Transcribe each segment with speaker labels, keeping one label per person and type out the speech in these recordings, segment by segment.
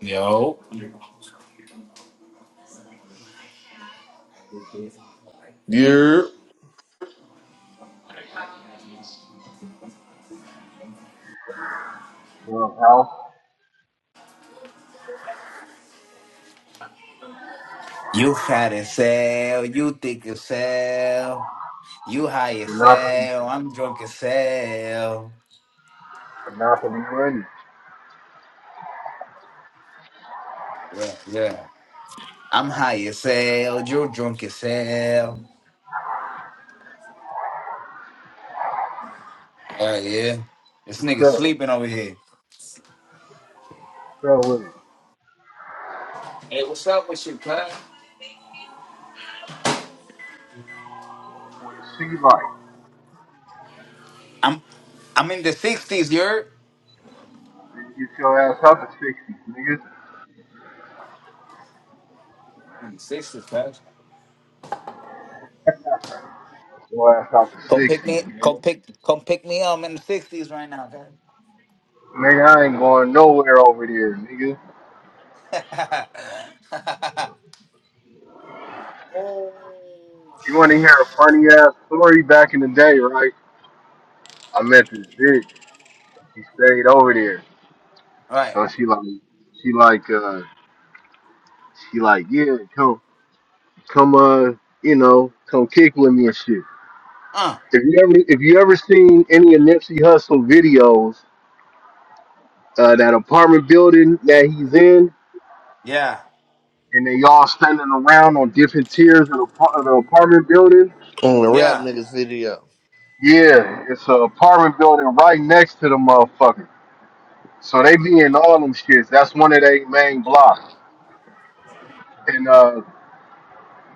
Speaker 1: Yo.
Speaker 2: Yeah.
Speaker 3: Your House,
Speaker 1: You fat as hell. You thick as hell. You high
Speaker 3: will
Speaker 1: as
Speaker 3: not know, house,
Speaker 1: hell. I'm drunk as hell.
Speaker 3: monopoly, monopoly money.
Speaker 1: Yeah, yeah. I'm high as hell. You're drunk as hell. Yeah, yeah. This nigga
Speaker 3: So,
Speaker 1: sleeping over here.
Speaker 3: so with it.
Speaker 1: Hey, what's up with you, cuz?
Speaker 3: With sea life.
Speaker 1: I'm I'm in the sixties, you're
Speaker 3: You Get your ass out the 60s, nigga.
Speaker 1: In the 60s, cuz.
Speaker 3: your ass out the
Speaker 1: come pick
Speaker 3: 60s,
Speaker 1: me come
Speaker 3: nigga.
Speaker 1: pick come pick me up. I'm in the sixties right now, guys.
Speaker 3: Man, I ain't going nowhere over there, nigga.
Speaker 1: oh
Speaker 3: You want to hear a funny
Speaker 1: shit.
Speaker 3: ass story back in the day, right? I met this bitch. She stayed over there.
Speaker 1: All right.
Speaker 3: So she like, she like, uh, she like, yeah, come, come, uh, you know, come kick with me and shit.
Speaker 1: Uh,
Speaker 3: If you ever, if you ever seen any of Nipsey Hussle videos, uh, that apartment building that he's in,
Speaker 1: yeah,
Speaker 3: and they all standing around on different tiers of the, par- of the apartment building.
Speaker 2: on the rap
Speaker 1: yeah,
Speaker 2: niggas video.
Speaker 3: Yeah, it's an apartment building right next to the motherfucker. So they be in all them shits. That's one of their main blocks. And uh,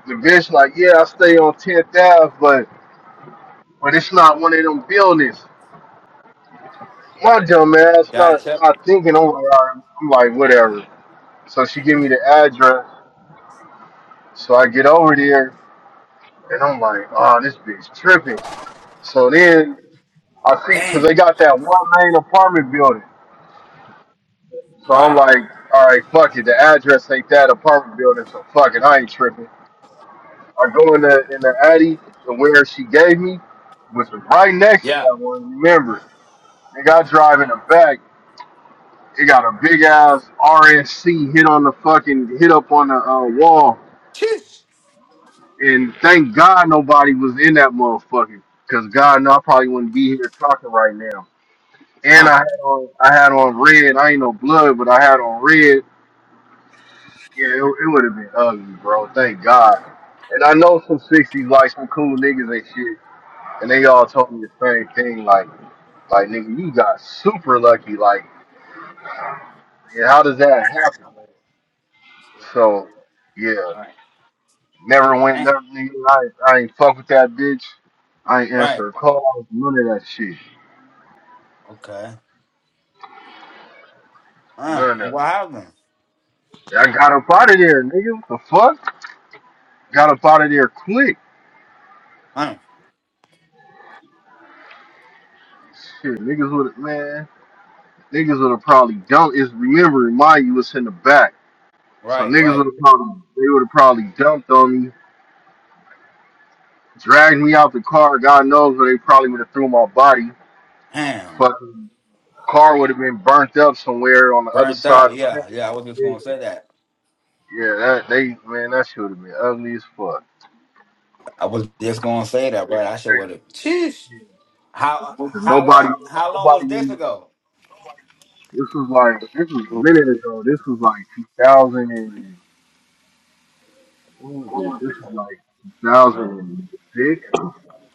Speaker 3: the bitch like, yeah, I stay on 10th Ave, but but it's not one of them buildings. My dumb ass not
Speaker 1: gotcha.
Speaker 3: not thinking over. her. I'm like, whatever. So she give me the address. So I get over there, and I'm like, oh, this bitch tripping. So then I see, cause they
Speaker 1: Damn.
Speaker 3: got that one main apartment building. So
Speaker 1: All
Speaker 3: I'm
Speaker 1: right.
Speaker 3: like, all right, fuck it. The address ain't that apartment building, so fuck it. I ain't tripping. I go in the in the Addy to where she gave me, which was right next to
Speaker 1: Yeah.
Speaker 3: that one. Remember, they got drive in the back. It got a big ass RSC hit on the fucking hit up on the uh, wall.
Speaker 1: Cheesh.
Speaker 3: And thank God nobody was in that motherfucker, cause God, no, I probably wouldn't be here talking right now. And I
Speaker 1: Uh.
Speaker 3: had on I had on red. I ain't no blood, but I had on red Yeah, it, it would have been ugly, bro. Thank God. And I know some sixties like some cool niggas and shit, and
Speaker 1: Right.
Speaker 3: they all told me the same thing. Like, like nigga, you got super lucky. Like, yeah, how does that happen?
Speaker 1: All
Speaker 3: So, yeah,
Speaker 1: Right.
Speaker 3: never went.
Speaker 1: Damn.
Speaker 3: Never, nigga, I, I ain't fuck with that bitch. I ain't answer
Speaker 1: Right.
Speaker 3: her calls. None of that shit.
Speaker 1: Okay. Uh.
Speaker 3: None
Speaker 1: And
Speaker 3: of
Speaker 1: what happened?
Speaker 3: that. I got up out of there, nigga. What the fuck? Got up out of there quick.
Speaker 1: Uh.
Speaker 3: Shit, niggas would have man. Niggas would have probably dumped. Is remember, remind you, it's in the back. So
Speaker 1: Right.
Speaker 3: niggas would
Speaker 1: Right.
Speaker 3: have probably they would have probably dumped on me, dragged me out the car. God knows where they probably would have threw my body.
Speaker 1: Damn.
Speaker 3: Fucking car would have been burnt up somewhere on the other
Speaker 1: Burnt
Speaker 3: side.
Speaker 1: out.
Speaker 3: of
Speaker 1: Yeah. Yeah. I was just gonna
Speaker 3: town.
Speaker 1: say that.
Speaker 3: Yeah, that they man, that shit would have been ugly as fuck.
Speaker 1: I was just gonna say that, right? I should would have. Cheesh.
Speaker 3: Yeah.
Speaker 1: How
Speaker 3: Cause
Speaker 1: how
Speaker 3: nobody,
Speaker 1: long how long
Speaker 3: nobody.
Speaker 1: was this
Speaker 3: in-
Speaker 1: ago?
Speaker 3: This was like this was a minute ago. This was like 2000 and what was it? This was like 2006.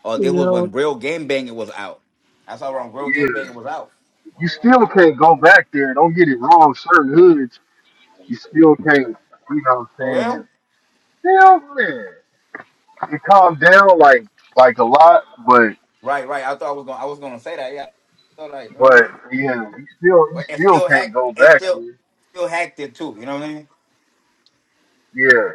Speaker 1: Oh, this was
Speaker 4: Yo,
Speaker 1: when Real Game Banging was out. That's how long Real
Speaker 3: Yeah,
Speaker 1: Game Banging was out.
Speaker 3: you still can't go back there. Don't get it wrong. Certain hoods You still can't, you know what
Speaker 1: For
Speaker 3: I'm saying,
Speaker 1: real?
Speaker 3: just still man. It calmed down like like a lot, but
Speaker 1: Right, right. I thought I was going. to I was going to say that. Yeah. So like, you know what
Speaker 3: but
Speaker 1: I mean,
Speaker 3: yeah, you still you
Speaker 1: but and
Speaker 3: still
Speaker 1: still hack
Speaker 3: can't go
Speaker 1: and
Speaker 3: back.
Speaker 1: still
Speaker 3: Man.
Speaker 1: still hacked it too. You know what I mean?
Speaker 3: Yeah,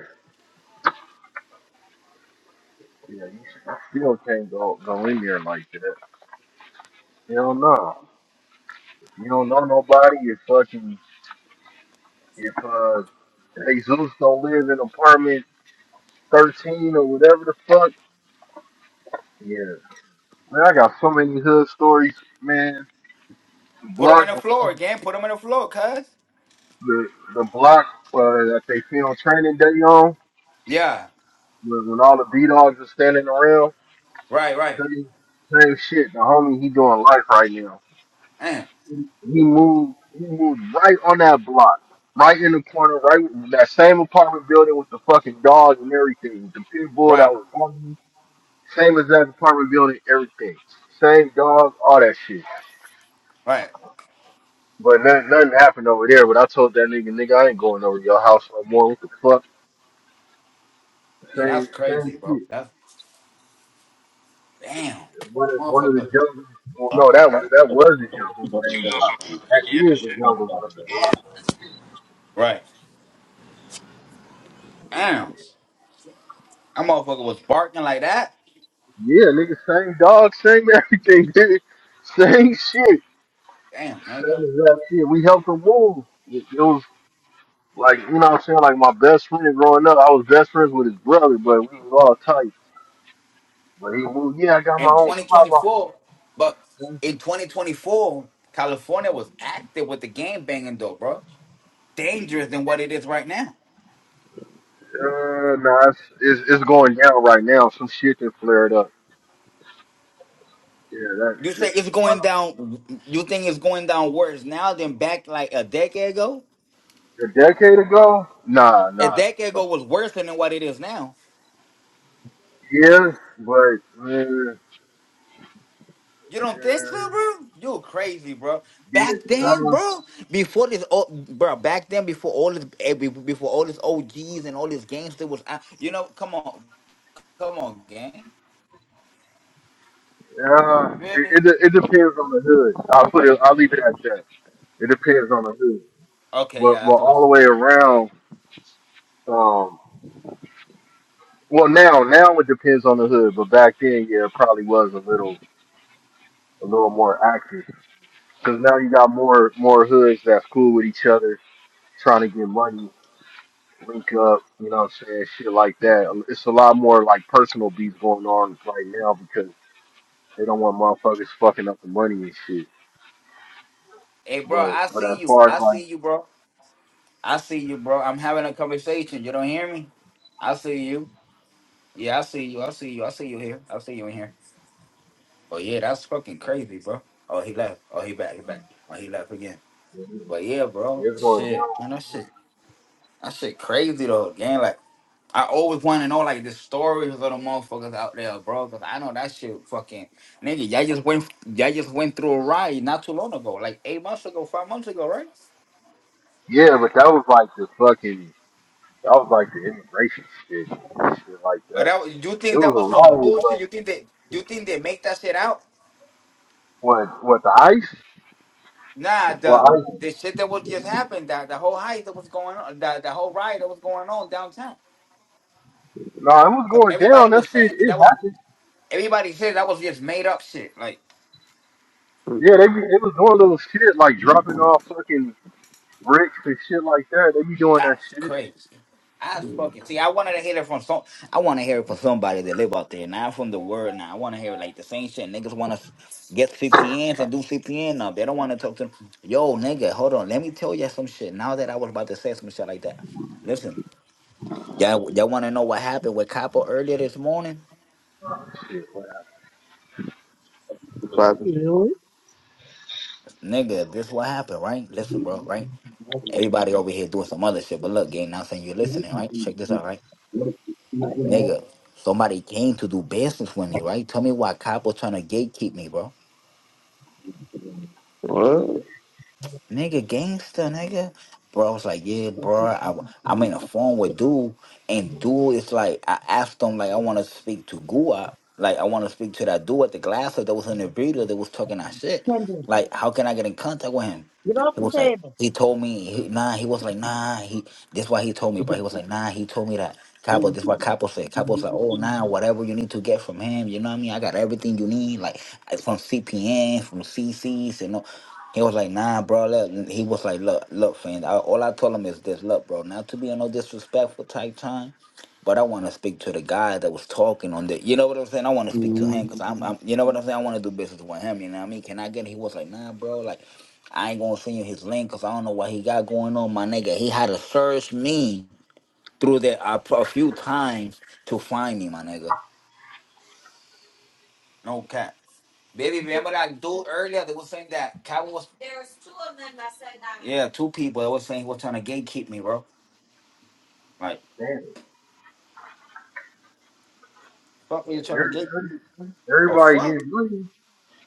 Speaker 3: yeah, you s- you still can't go go in there like that. You don't know. You don't know nobody. If fucking if uh Jesus don't live in apartment thirteen or whatever the fuck. Yeah, man, I got so many hood stories, man.
Speaker 1: Put them in
Speaker 3: Block
Speaker 1: the floor again. Put them in the floor, cuz.
Speaker 3: the the block uh, that they film Training Day on.
Speaker 1: Yeah.
Speaker 3: When, when all the B dogs are standing around,
Speaker 1: Right, right.
Speaker 3: same, same shit. The homie, he doing life right now.
Speaker 1: Man.
Speaker 3: He, he moved, he moved right on that block, right in the corner, right in that same apartment building with the fucking dog and everything, with the pit bull that
Speaker 1: Right,
Speaker 3: was barking. Same as that apartment building, everything. Same dog, all that shit.
Speaker 1: right.
Speaker 3: But nothing, nothing happened over there. But I told that nigga, nigga, I ain't going over your house no more. What the fuck?
Speaker 1: Yeah, that's
Speaker 3: Same, same
Speaker 1: crazy,
Speaker 3: shit.
Speaker 1: bro. That's damn,
Speaker 3: One of, one of the
Speaker 1: motherfucker.
Speaker 3: jungles. well, No, that was that was the jungle's
Speaker 5: She
Speaker 3: main
Speaker 5: was
Speaker 3: block.
Speaker 5: on some
Speaker 3: That
Speaker 5: freaky ass
Speaker 3: is the
Speaker 5: shit.
Speaker 3: jungle's main
Speaker 5: Yeah.
Speaker 3: block.
Speaker 1: Right. Damn. That motherfucker was barking like that.
Speaker 3: Yeah, nigga, same dog, same everything, nigga. Same shit.
Speaker 1: Damn,
Speaker 3: Same
Speaker 1: nigga.
Speaker 3: exact shit. We helped him move. It, it was like, you know what I'm saying? Like my best friend growing up, I was best friends with his brother, but we was all tight. But he moved, yeah, I got my
Speaker 1: In
Speaker 3: own spot, my own
Speaker 1: 2024, but
Speaker 3: thing.
Speaker 1: in 2024, California was active with the game banging though, bro. Dangerous than what it is right now.
Speaker 3: Uh, nah, it's, it's, it's going down right now. Some shit that flared up. Yeah, that
Speaker 1: You
Speaker 3: is
Speaker 1: say it's
Speaker 3: like
Speaker 1: going down. You think it's going down worse now than back like a decade ago?
Speaker 3: a decade ago? Nah,
Speaker 1: A
Speaker 3: nah.
Speaker 1: decade ago was worse than what it is now.
Speaker 3: Yeah, but uh, uh,
Speaker 1: You don't think so, bro? You crazy, bro.
Speaker 3: yeah,
Speaker 1: Back then, bro, before this, oh, bro, back then before all this, eh, be- before all this OGs and all this gangster was out. You know, come on, come on, gang.
Speaker 3: uh, yeah,
Speaker 1: You feel me?
Speaker 3: it, it it depends on the hood. I'll put it, I'll leave it at that. It depends on the hood,
Speaker 1: Okay,
Speaker 3: but
Speaker 1: yeah, I
Speaker 3: but
Speaker 1: see what
Speaker 3: all the
Speaker 1: you're
Speaker 3: way
Speaker 1: saying. Yeah, yeah.
Speaker 3: around. Um, well, now now it depends on the hood, but back then, yeah, it probably was a little a little more active because now you got more more hoods that's cool with each other, trying to get money, link up, you know what I'm saying, shit like that. It's a lot more like personal beats going on right now because They don't want motherfuckers fucking up the money and shit.
Speaker 1: Hey, bro,
Speaker 3: But
Speaker 1: I
Speaker 3: but as
Speaker 1: see you.
Speaker 3: far
Speaker 1: I
Speaker 3: as like
Speaker 1: see you, bro. I see you, bro. I'm having a conversation. You don't hear me? I see you. Yeah, I see you. I see you. I see you here. I see you in here. Oh yeah, that's fucking crazy, bro. Oh he left. Oh he back. He back. Oh he left again. But yeah, bro.
Speaker 3: it's going
Speaker 1: Shit, man. That
Speaker 3: down,
Speaker 1: shit. That shit crazy though, gang. Like I always want to know like the stories of the motherfuckers out there, bro. Cause I know that shit fucking nigga. Y'all just went. Y'all just went through a ride not too long ago, like eight months ago, five months ago, right?
Speaker 3: yeah. But that was like the fucking that was like the immigration shit, shit like
Speaker 1: But
Speaker 3: that.
Speaker 1: that was, you
Speaker 3: It
Speaker 1: think
Speaker 3: was
Speaker 1: that was some
Speaker 3: a riot,
Speaker 1: bullshit?
Speaker 3: but
Speaker 1: You think that you think they make that shit out?
Speaker 3: what what the ice?
Speaker 1: Nah,
Speaker 3: Well,
Speaker 1: the
Speaker 3: ice?
Speaker 1: the shit that was just happened, that the whole heist that was going on, the the whole riot that was going on downtown.
Speaker 3: No, it was
Speaker 1: Cause
Speaker 3: going down.
Speaker 1: everybody
Speaker 3: That
Speaker 1: was
Speaker 3: shit
Speaker 1: saying that
Speaker 3: it
Speaker 1: that was
Speaker 3: happened.
Speaker 1: everybody said that was just made up shit. Like
Speaker 3: Yeah, they be, it was doing little shit like dropping off fucking bricks and shit like that. They be doing that
Speaker 1: that's
Speaker 3: shit.
Speaker 1: crazy. I fucking see. I wanted to hear it from some. I want to hear it from somebody that live out there, not from the world. Now I want to hear like the same shit. Niggas want to get CPNs and do CPN up. They don't want to talk to them. Yo, nigga, hold on. Let me tell you some shit. Now that I was about to say some shit like that, listen. Y'all, y'all want to know what happened with Capo earlier this morning?
Speaker 3: Shit, what
Speaker 6: Father.
Speaker 4: yo,
Speaker 1: Nigga, this what happened, right? Listen, bro, right? Everybody over here doing some other shit, but look, gang, now saying you're listening, right? Check this out, right? Nigga, somebody came to do business with me, right? Tell me why cop was trying to gatekeep me, bro.
Speaker 6: What?
Speaker 1: nigga, gangster, nigga. Bro, I was like, yeah, bro. I, I'm in a phone with dude, and dude is like, I asked him, like, I want to speak to Guap, Like, I want to speak to that dude at the glass that was in the video that was talking that shit.
Speaker 4: Kendra,
Speaker 1: Like, how can I get in contact with him?
Speaker 4: get off
Speaker 1: He
Speaker 4: the
Speaker 1: was like,
Speaker 4: table.
Speaker 1: he told me, he, nah, he was like, nah, he, this why he told me, bro. He was like, nah, he told me that. Capo, this what Capo said. Capo's like, oh, nah, whatever you need to get from him, you know what I mean? I got everything you need, like, I- from CPN, from CCs, and all. He was like, nah, bro. Look. He was like, look, look, fans. I, all I told him is this, look, bro. Not to be on no disrespectful type time, but I want to speak to the guy that was talking on the. You know what I'm saying? I want to speak to
Speaker 6: Mm,
Speaker 1: him because I'm, I'm, you know what I'm saying? I want to do business with him. You know what I mean? Can I get? it? He was like, nah, bro. Like, I ain't gonna send you his link because I don't know what he got going on, my nigga. He had to search me through there a, a few times to find me, my nigga. No cap. Baby, remember that dude earlier? They were saying that Calvin was. There's two of them that that. said that. Yeah, two people. that were saying, "What trying to gatekeep me, bro?" Like,
Speaker 3: I saying?
Speaker 1: fuck, were you trying to gatekeep?
Speaker 3: Everybody
Speaker 1: me? Oh
Speaker 3: everybody
Speaker 1: fuck!
Speaker 3: getting money.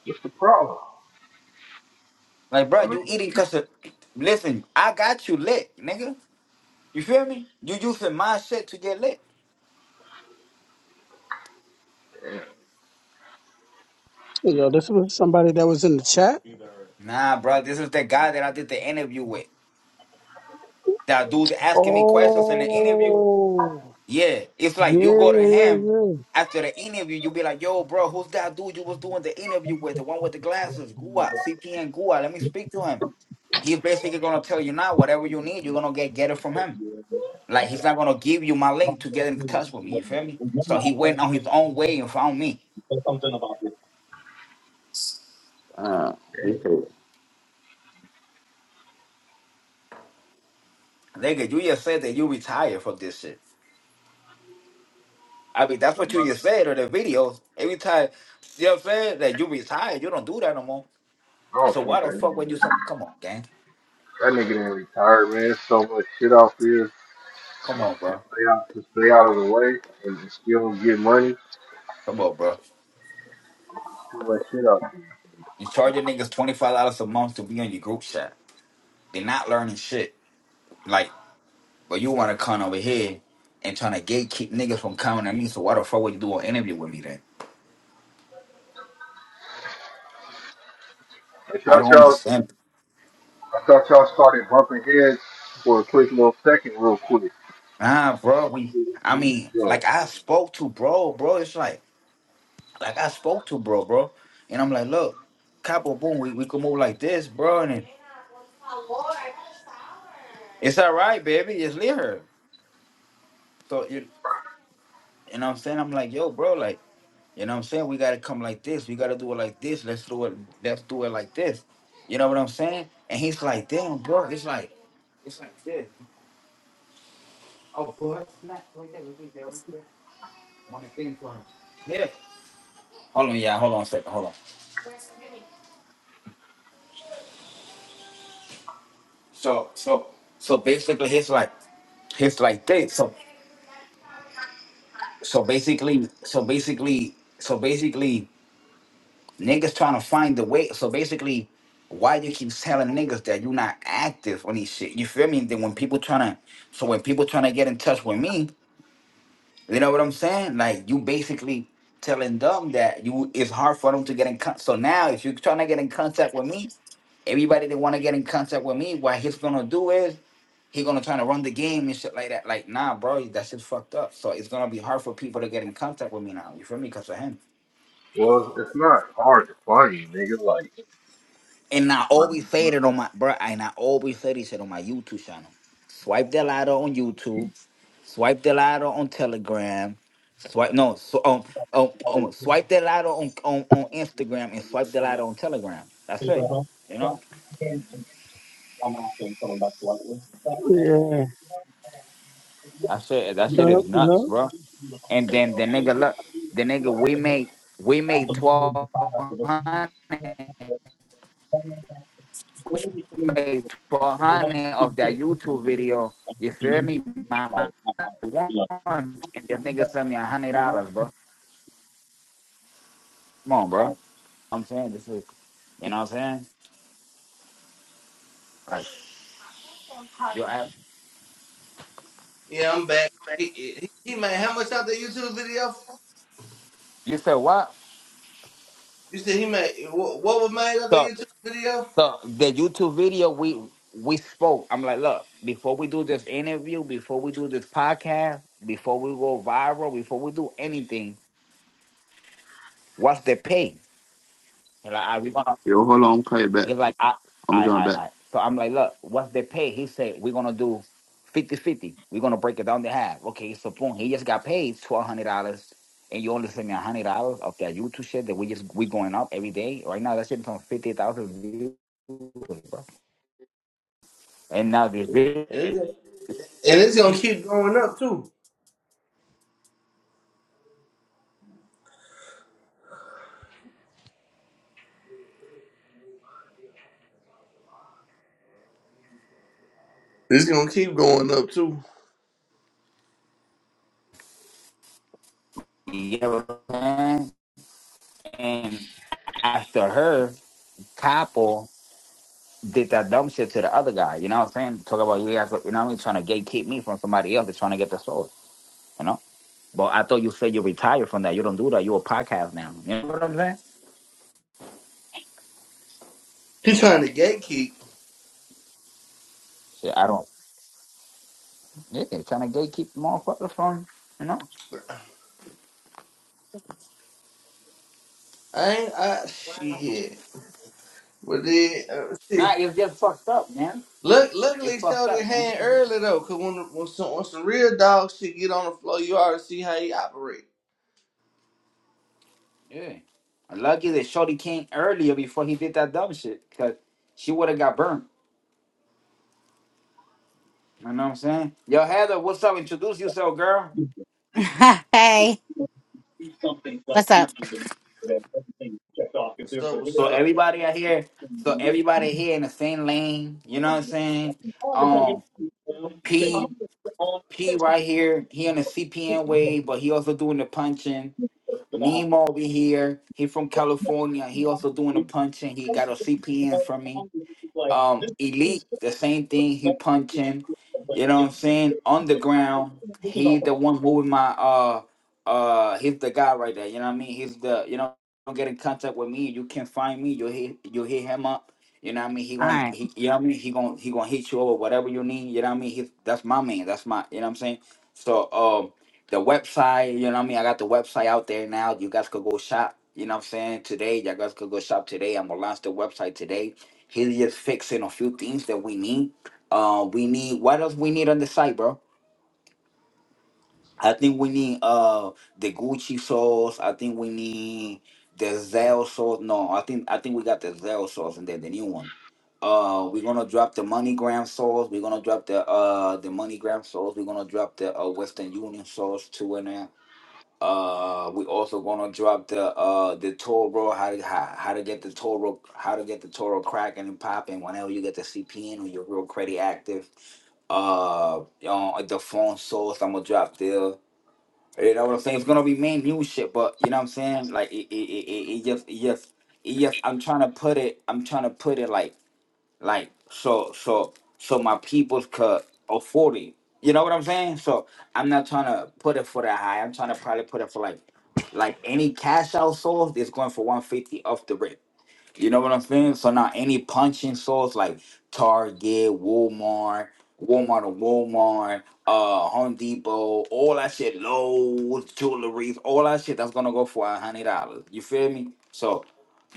Speaker 3: What's the problem?
Speaker 1: Like,
Speaker 3: I
Speaker 1: bro,
Speaker 3: mean,
Speaker 1: you eating cause of... listen, I got you lit, nigga. You feel me? You using my shit to get lit.
Speaker 4: yo, this was somebody that was in the chat.
Speaker 1: Nah, bro, this is the guy that I did the interview with. That dude asking me questions in the interview.
Speaker 4: Oh,
Speaker 1: Yeah, it's like you
Speaker 4: yeah,
Speaker 1: go to him
Speaker 4: yeah,
Speaker 1: after the interview, you be like, "Yo, bro, who's that dude you was doing the interview with? The one with the glasses, Gua, CPN Gua. Let me speak to him. He's basically gonna tell you now whatever you need, you're gonna get get it from him. Like he's not gonna give you my link to get in touch with me. You feel me? So he went on his own way and found me.
Speaker 6: ah, okay.
Speaker 1: Nigga, you just said that you retired from this shit. I mean, that's
Speaker 3: like,
Speaker 1: what you just said in the videos. Every time, you know what I'm saying? That you retired, you don't do that no more.
Speaker 3: I don't
Speaker 1: So
Speaker 3: think
Speaker 1: why the
Speaker 3: that
Speaker 1: fuck would you? So- Come on, gang.
Speaker 3: That nigga didn't retire, man. There's so much shit out there to
Speaker 1: Come on, bro.
Speaker 3: stay out, to stay out of the way and to still get money.
Speaker 1: Come on, bro.
Speaker 3: Too much shit out there.
Speaker 1: You charge your niggas twenty five dollars a month to be on your group chat. They're not learning shit. Like, but you want to come over here and trying to gatekeep niggas from coming to me. So why the fuck would you do an interview with me then?
Speaker 3: I
Speaker 1: I
Speaker 3: thought
Speaker 1: don't
Speaker 3: y'all,
Speaker 1: understand.
Speaker 3: I thought y'all started bumping heads for a quick little second, real quick.
Speaker 1: Nah, bro. We, I mean,
Speaker 3: So,
Speaker 1: like I spoke to bro, bro. It's like, like I spoke to bro, bro. And I'm like, look, capo boom, we we can move like this, bro. And it- it's all right, baby. Just leave her. So you, you know what I'm saying? I'm like, yo, bro, like. You know what I'm saying? We gotta come like this. We gotta do it like this. Let's do it. Let's do it like this. You know what I'm saying? And he's like, damn, bro. It's like, it's like this. Oh, boy, it's not right there. Right there. Right there. On the thing for him. Yeah. Hold on, yeah. Hold on a second. Hold on. So, so, so basically, he's like, he's like this. So, so basically, so basically, so basically. Niggas trying to find the way. So basically, why you keep telling niggas that you're not active on these shit? You feel me? Then when people trying to, so when people trying to get in touch with me, you know what I'm saying? Like you basically telling them that you it's hard for them to get in contact. So now if you're trying to get in contact with me, everybody that want to get in contact with me, what he's gonna do is he gonna try to run the game and shit like that. Like, nah, bro, that shit fucked up. So it's gonna be hard for people to get in contact with me now. You feel me? Because of him.
Speaker 3: well, it's not hard to find you, nigga. Like,
Speaker 1: And I
Speaker 3: like
Speaker 1: always
Speaker 3: you
Speaker 1: say it on my bro, and I always say this shit on my YouTube channel. Swipe the ladder on YouTube, swipe the ladder on Telegram, swipe no, so, um, um, um, swipe the ladder on, on on Instagram and swipe the ladder on Telegram. That's it. You know,
Speaker 4: Yeah. Yeah.
Speaker 1: that shit that shit
Speaker 4: No,
Speaker 1: is nuts,
Speaker 4: no.
Speaker 1: bro. And then the nigga look, the nigga we made we made twelve hundred. made 400 of that YouTube video. You feel me? My my one, and the nigga sent me a hundred dollars, bro. Come on, bro. I'm saying this is, you know what I'm saying? Like you, ask,
Speaker 2: Yeah, I'm back. He, he, he made how much out the YouTube video?
Speaker 1: you said what?
Speaker 2: You said he made what, what was made out the
Speaker 1: So,
Speaker 2: YouTube video?
Speaker 1: so the YouTube video we we spoke. I'm like, look, before we do this interview, before we do this podcast, before we go viral, before we do anything, what's the pay? He Like, "Ah, we gonna?
Speaker 6: Yo, hold on. I'm coming back.
Speaker 1: He's like, I,
Speaker 6: I'm
Speaker 1: I,
Speaker 6: joining
Speaker 1: I,
Speaker 6: back.
Speaker 1: I. So I'm like, look, what's the pay? He said, we're gonna do 5050 We're gonna break it down to half. Okay, so boom, he just got paid twelve hundred dollars and you only send me hundred dollars of that YouTube shit that we just we going up every day. Right now that shit's on fifty thousand views, bro. And now this video,
Speaker 2: And it's, gonna- and it's gonna keep going up too. It's gonna keep going up too.
Speaker 1: you know what I'm saying? And after her, Capo did that dumb shit to the other guy. You know what I'm saying? Talk about you guys, you know what I mean? Trying to gatekeep me from somebody else. They're trying to get the source. But I thought you said you retired from that. You don't do that. You're a podcast now. You know what I'm saying?
Speaker 2: He trying to gatekeep.
Speaker 1: Shit, I don't. Yeah, trying to gatekeep the motherfucker from, you know?
Speaker 2: I ain't. I shit. But then uh, see,
Speaker 1: Nah, it's just fucked up, man.
Speaker 2: look,
Speaker 1: It's
Speaker 2: luckily
Speaker 1: fucked
Speaker 2: showed his
Speaker 1: up, man.
Speaker 2: hand early though, cause when when some, when some real dog shit get on the floor, you already see how he operate.
Speaker 1: Yeah. I'm Lucky that Shorty came earlier before he did that dumb shit, because she would have got burned. You know what I'm saying? Yo, Heather, what's up? Introduce yourself, girl.
Speaker 7: hey, what's up?
Speaker 2: What's up? What's
Speaker 1: So
Speaker 2: up?
Speaker 1: everybody out here, so everybody here in the same lane, you know what I'm saying? Um, P, P right here, he on the CPN wave, but he also doing the punching. Nemo over here. He from California. He also doing a punching. He got a CPN from me um elite the same thing he punching you know what i'm saying on the ground he the one moving my uh uh he's the guy right there you know what i mean he's the you know don't get in contact with me you can find me you hit you hit him up you know what i mean he
Speaker 7: All
Speaker 1: gonna
Speaker 7: right.
Speaker 1: he, you know what i mean he gonna he gonna hit you over whatever you need you know what i mean he's that's my man that's my you know what i'm saying so um the website you know what i mean i got the website out there now you guys could go shop you know what i'm saying today you all guys could go shop today i'm gonna launch the website today He's just fixing a few things that we need. Uh, we need what else we need on the site, bro? I think we need uh the Gucci sauce. I think we need the Zell sauce. No, I think I think we got the Zell sauce and then the new one. Uh, we're gonna drop the MoneyGram sauce. We're gonna drop the uh the MoneyGram sauce. We're gonna drop the uh, Western Union sauce too and there. Uh, we also gonna drop the uh the Toro how to how, how to get the Toro how to get the Toro cracking and popping whenever you get the CPN or your real credit active. Uh, uh the phone source I'm gonna drop there. You know what I'm saying? It's gonna be main new shit, but you know what I'm saying? Like it it it, it, it just it just it just I'm trying to put it I'm trying to put it like like so so so my peoples could afford it. You know what I'm saying? So I'm not trying to put it for that high. I'm trying to probably put it for like like any cash out source is going for 150 off the rip. You know what I'm saying? So now any punching source like Target, Walmart, Walmart or Walmart, uh, Home Depot, all that shit, Lowe's, jewelries, all that shit that's gonna go for a hundred dollars. You feel me? So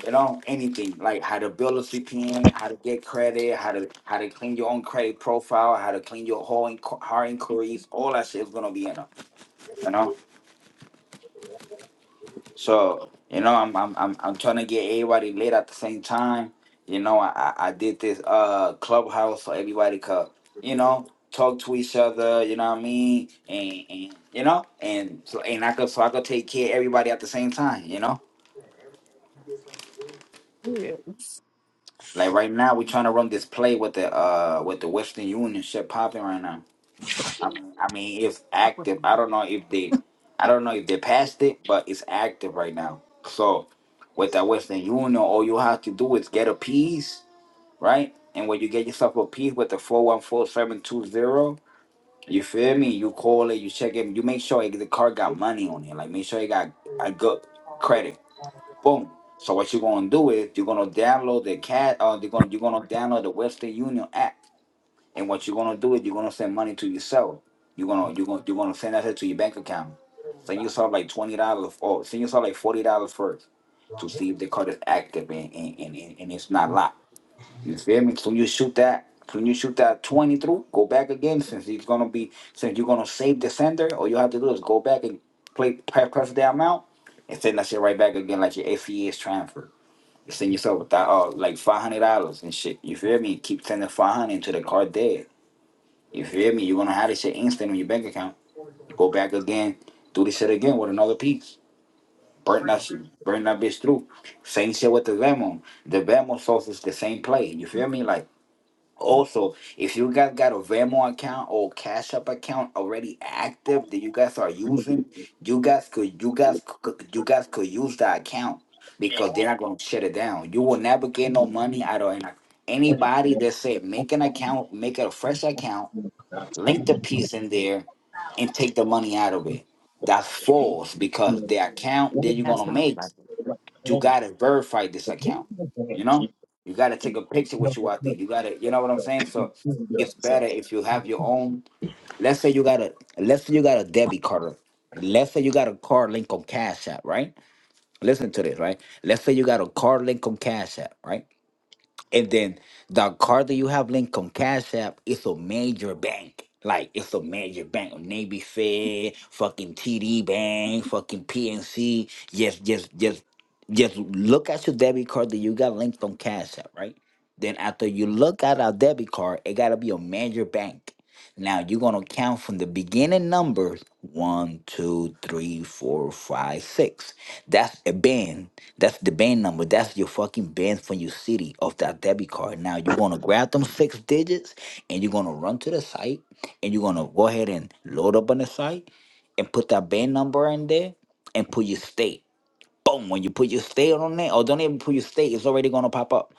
Speaker 1: you know anything like how to build a CPM, how to get credit, how to how to clean your own credit profile, how to clean your whole inqu- hard inquiries, all that shit is gonna be in there. You know. So you know, I'm I'm I'm, I'm trying to get everybody lit at the same time. You know, I I I did this uh clubhouse so everybody could you know talk to each other. You know what I mean? And, and you know, and so and I could so I could take care of everybody at the same time. You know,
Speaker 7: Yeah.
Speaker 1: like right now we're trying to run this play with the uh with the Western Union shit popping right now. I mean, I mean, it's
Speaker 7: Fuck with
Speaker 1: active.
Speaker 7: me.
Speaker 1: I don't know if they, I don't know if they passed it, but it's active right now. So, with the Western Union, all you have to do is get a piece, right? And when you get yourself a piece with the four one four seven two zero, you feel me? You call it, you check it, you make sure the card got money on it, like make sure it got a good credit. Boom. So what you're gonna do is you're gonna download the cat. Uh, you're gonna you're gonna download the Western Union app and what you're gonna do is you're gonna send money to yourself. You're gonna you're gonna you're gonna send that shit to your bank account. Send yourself like twenty dollars or send yourself like forty dollars first to see if the card is active and, and, and, and and it's not locked. You feel me? So you shoot that when you shoot that 20 through, go back again since it's gonna be since you're gonna save the sender, all you have to do is go back and play press press the amount and send that shit right back again like your ACS transfer. You send yourself with that uh like five hundred dollars and shit. You feel me? Keep sending five hundred to the card there you feel me? You're gonna have this shit instant on your bank account. You go back again, do this shit again with another piece. Burn
Speaker 7: Yeah.
Speaker 1: that shit, burn that bitch through. Same shit with the Venmo. The Venmo source is the same play. You feel me? Like also, if you guys got a Venmo account or Cash App account already active that you guys are using, you guys could you guys could you guys could use that account because they're not gonna shut it down. You will never get no money out of an ac- anybody that said make an account, make a fresh account link the piece in there and take the money out of it. That's false because the account that you're
Speaker 7: That's
Speaker 1: gonna
Speaker 7: not
Speaker 1: make,
Speaker 7: like it.
Speaker 1: you gotta verify this account. You know, you gotta take a picture with you out there. You gotta, you know what I'm saying. So it's better if you have your own. Let's say you got a, let's say you got a debit card. Let's say you got a card link on Cash App, right? Listen to this, right? Let's say you got a card link on Cash App, right? And then the card that you have linked on Cash App is a major bank. Like it's a major bank, Navy Fed, fucking TD Bank, fucking PNC. Just, just, just, just look at your debit card that you got linked on Cash App, right? Then after you look at a debit card, it gotta be a major bank. Now you're gonna count from the beginning numbers one, two, three, four, five, six. That's a ban. That's the ban number. That's your fucking ban from your city of that debit card. Now you're gonna grab them six digits and you're gonna run to the site and you're gonna go ahead and load up on the site and put that ban number in there and put your state. Boom. When you put your state on there, or don't even put your state, it's already gonna pop up.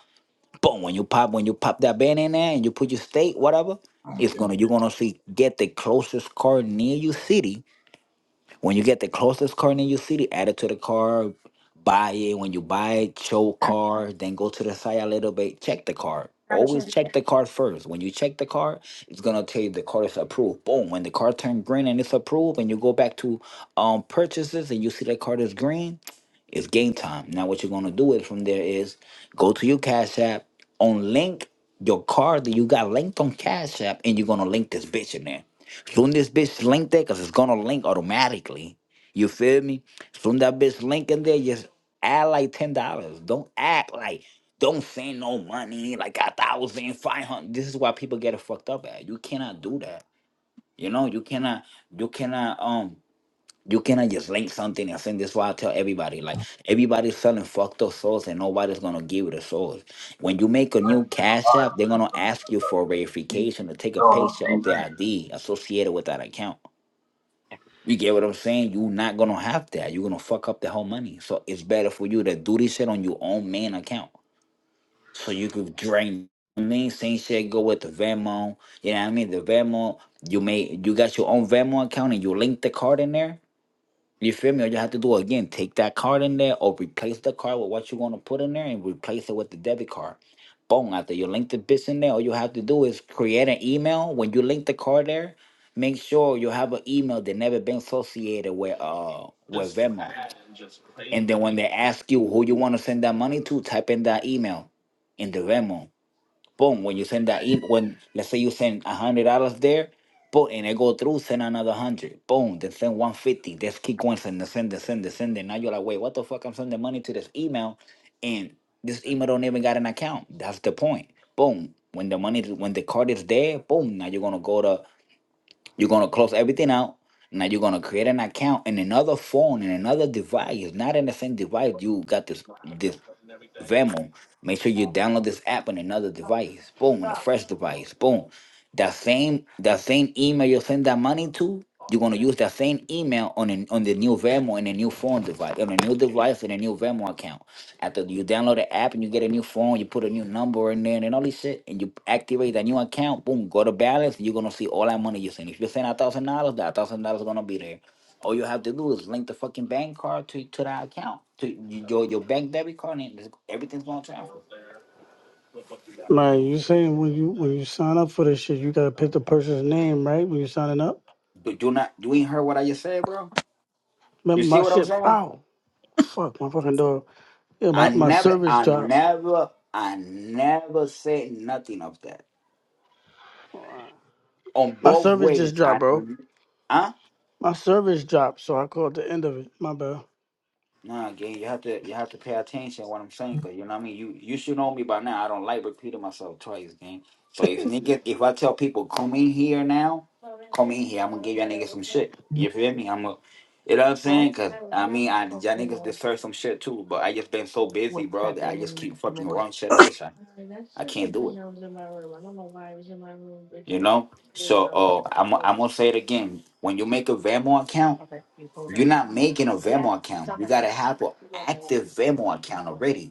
Speaker 1: Boom. When you pop when you pop that ban in there and you put your state, whatever, it's gonna you're gonna see get the closest car near your city when you get the closest car in your city, add it to the car, buy it. When you buy it, show
Speaker 7: Grab-
Speaker 1: car, then go to the site a little bit, check the car.
Speaker 7: grab a
Speaker 1: Always
Speaker 7: chair. Yeah.
Speaker 1: check the car first. When you check the car, it's gonna tell you the car is approved. Boom. When the car turns green and it's approved, and you go back to um purchases and you see that car is green, it's game time. Now what you're gonna do is from there is go to your Cash App, on link your car that you got linked on Cash App, and you're gonna link this bitch in there. Soon this bitch link there, cause it's gonna link automatically. You feel me? Soon that bitch link in there, just add like ten dollars. Don't act like don't send no money, like a thousand, five hundred. This is why people get it fucked up at. You cannot do that. You know, you cannot you cannot um you cannot just link something and send this why I tell everybody. Like everybody's selling fucked up souls and nobody's gonna give you the souls. When you make a new cash app, they're gonna ask you for verification to take a picture of the ID associated with that account. You get what I'm saying? You're not gonna have that. You're gonna fuck up the whole money. So it's better for you to do this shit on your own main account. So you could drain I mean, same shit go with the Venmo. You know what I mean? The Venmo, you may you got your own Venmo account and you link the card in there. You feel me? All you have to do again, take that card in there or replace the card with what you want to put in there and replace it with the debit card. Boom, after you link the bits in there, all you have to do is create an email. When you link the card there, make sure you have an email that never been associated with uh with Venmo. And then when they ask you who you want to send that money to, type in that email in the Venmo boom, when you send that email, when let's say you send a hundred dollars there, boom, and it go through, send another hundred, boom, then send one fifty. Just keep going, send, the send, the send, send. And now you're like, wait, what the fuck? I'm sending money to this email, and this email don't even got an account. That's the point. Boom. When the money, when the card is there, boom. Now you're gonna go to, you're gonna close everything out. Now you're gonna create an account in another phone in another device, not in the same device. You got this this Vamo. Make sure you download this app on another device. Boom, on a fresh device. Boom. That same that same email you send that money to, you're gonna use that same email on an, on the new Vamo and a new phone device, on a new device and a new Vamo account. After you download the app and you get a new phone, you put a new number in there and all this shit, and you activate that new account. Boom, go to balance. You're gonna see all that money you send. If you send a thousand dollars, that thousand dollars is gonna be there. All you have to do is link the fucking bank card to to that account, to y- your your bank debit card, and it's- everything's gonna transfer.
Speaker 4: Right, you saying when you when you sign up for this shit, you gotta pick the person's name, right? When you signing up.
Speaker 1: But do not, you ain't heard what I just said, bro. You
Speaker 4: Remember
Speaker 1: see
Speaker 4: my
Speaker 1: what I'm
Speaker 4: shit
Speaker 1: saying?
Speaker 4: ow. Fuck my fucking door. Yeah,
Speaker 1: I
Speaker 4: my, my
Speaker 1: never,
Speaker 4: service
Speaker 1: I
Speaker 4: dropped.
Speaker 1: never, I never said nothing of that. On
Speaker 4: My
Speaker 1: both
Speaker 4: service
Speaker 1: ways,
Speaker 4: just dropped,
Speaker 1: I,
Speaker 4: bro.
Speaker 1: huh?
Speaker 4: My service dropped, so I called the end of it. My bad.
Speaker 1: Nah, gang, you have to you have to pay attention to what I'm saying, cause you know what I mean. You you should know me by now. I don't like repeating myself twice, gang. So if niggas, if I tell people come in here now, come in here, I'm gonna give y'all niggas some shit. You feel me? I'm a, you know what I'm saying? Cause I mean, I y'all niggas deserve some shit too. But I just been so busy, bro, that I just keep fucking wrong shit up, which I I can't do it. You know? So uh, I'm I'm gonna say it again. When you make a Venmo account, you're not making a Venmo account. You gotta have an active Venmo account already.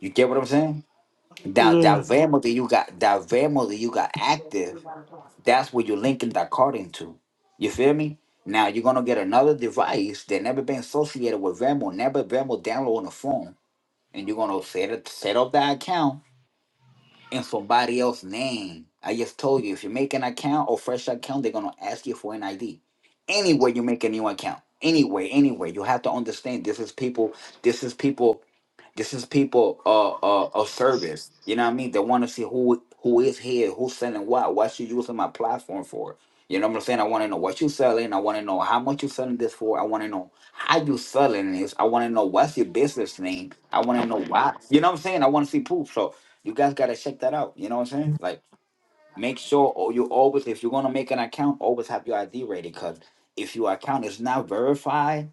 Speaker 1: You get what I'm saying? That that
Speaker 4: Yeah.
Speaker 1: Venmo that you got, that Venmo that you got active, that's what you're linking that card into. You feel me? Now you're gonna get another device that never been associated with Venmo, never Venmo download on the phone, and you're gonna set it, set up that account in somebody else's name. I just told you, if you make an account or fresh account, they're gonna ask you for an ID. Anywhere you make a new account, anywhere, anywhere, you have to understand this is people. This is people. This is people. Uh, uh, of service. You know what I mean? They want to see who who is here, who's selling what, what you using my platform for. You know what I'm saying? I want to know what you selling. I want to know how much you selling this for. I want to know how you selling this. I want to know what's your business name. I want to know why. You know what I'm saying? I want to see proof. So you guys gotta check that out. You know what I'm saying? Like, make sure all- you always, if you're gonna make an account, always have your ID ready. Cause if your account is not verified,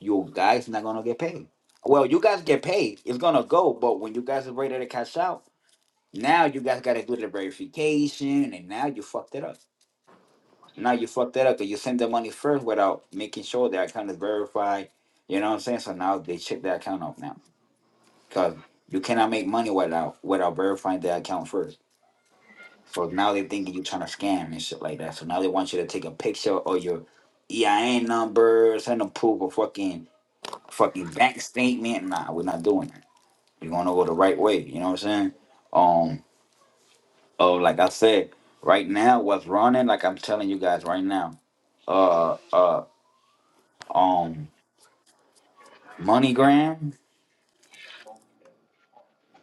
Speaker 1: you guys not gonna get paid. Well, you guys get paid. It's gonna go, but when you guys are ready to cash out, now you guys gotta do the verification, and now you fucked it up. Now you fucked it up because you send the money first without making sure the account is verified. You know what I'm saying? So now they check the account off now, cause you cannot make money without without verifying the account first. So now they thinking you trying to scam and shit like that. So now they want you to take a picture or your EIN number, send them proof a fucking fucking bank statement. Nah, we're not doing that. We're gonna go the right way. You know what I'm saying? Um, oh, like I said, right now what's running, like I'm telling you guys right now, uh, uh, um, MoneyGram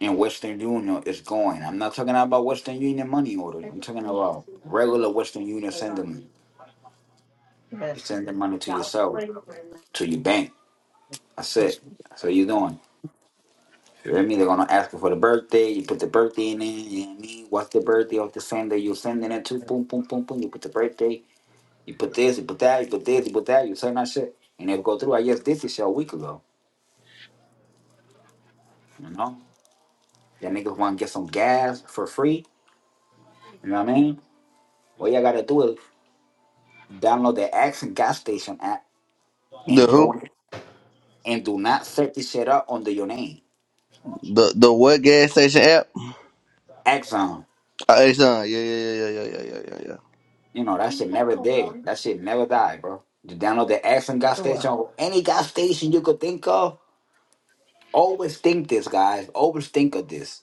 Speaker 1: and Western Union is going. I'm not talking about Western Union money orders. I'm talking about regular Western Union sending money. You send the money to yourself, to your bank That's
Speaker 7: Oh, shit.
Speaker 1: it. That's what you're doing. You know what I mean? They're gonna ask you for the birthday. You put the birthday in there. You know what I mean? What's the birthday of the sender you're sending it to? Boom, boom, boom, boom. You put the birthday. You put this. You put that. You put this. You put that. You send that shit, and they'll go through. I just did this shit a week ago. You know? That niggas want to get some gas for free. You know what I mean? All you gotta do is download the Axon gas station app
Speaker 2: The
Speaker 1: and
Speaker 2: who?
Speaker 1: don't and do not set this shit up under your name.
Speaker 2: The the what gas station app?
Speaker 1: Axon.
Speaker 2: Hey, son, yeah, yeah, yeah, yeah, yeah, yeah, yeah, yeah.
Speaker 1: You know, that shit never dead. That shit never died, bro. You download the Action gas station, any gas station you could think of. Always think this, guys. Always think of this.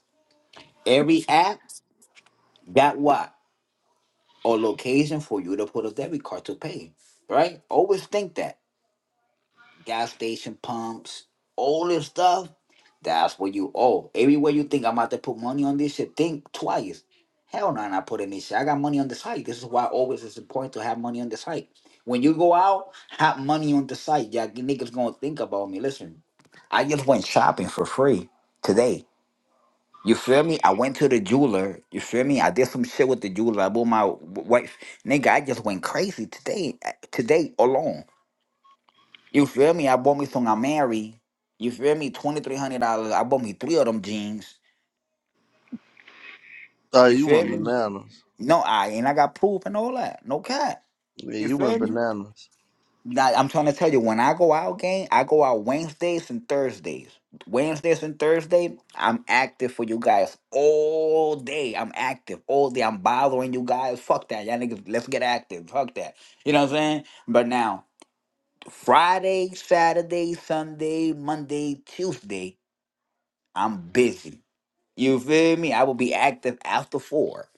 Speaker 1: Every app got what? A location for you to put a debit card to pay, right? Always think that. gas station pumps, all this stuff, that's what you owe. Everywhere you think I'm about to put money on this shit, think twice. Hell no, I'm not putting this shit. I got money on the site. This is why always it's important to have money on the site. When you go out, have money on the site. Y'all niggas gonna think about me. Listen, I just went shopping for free today. You feel me? I went to the jeweler. You feel me? I did some shit with the jeweler. I bought my w- wife. Nigga, I just went crazy today. uh, Today alone. You feel me? I bought me some Amari. You feel me? Twenty three hundred dollars. I bought me three of them jeans.
Speaker 2: Sorry,
Speaker 1: You
Speaker 2: you
Speaker 1: feel
Speaker 2: went
Speaker 1: me? Mhm.
Speaker 2: bananas.
Speaker 1: No, I and I got proof and all that. No cat.
Speaker 2: Yeah,
Speaker 1: You
Speaker 2: you went
Speaker 1: feel me?
Speaker 2: bananas.
Speaker 1: Now, I'm trying to tell you, when I go out, gang, I go out Wednesdays and Thursdays. Wednesdays and Thursday, I'm active for you guys all day. I'm active all day. I'm bothering you guys. Fuck that, y'all niggas. Let's get active. Fuck that. You know what I'm saying? But now, Friday, Saturday, Sunday, Monday, Tuesday. I'm busy. You feel me? I will be active after four.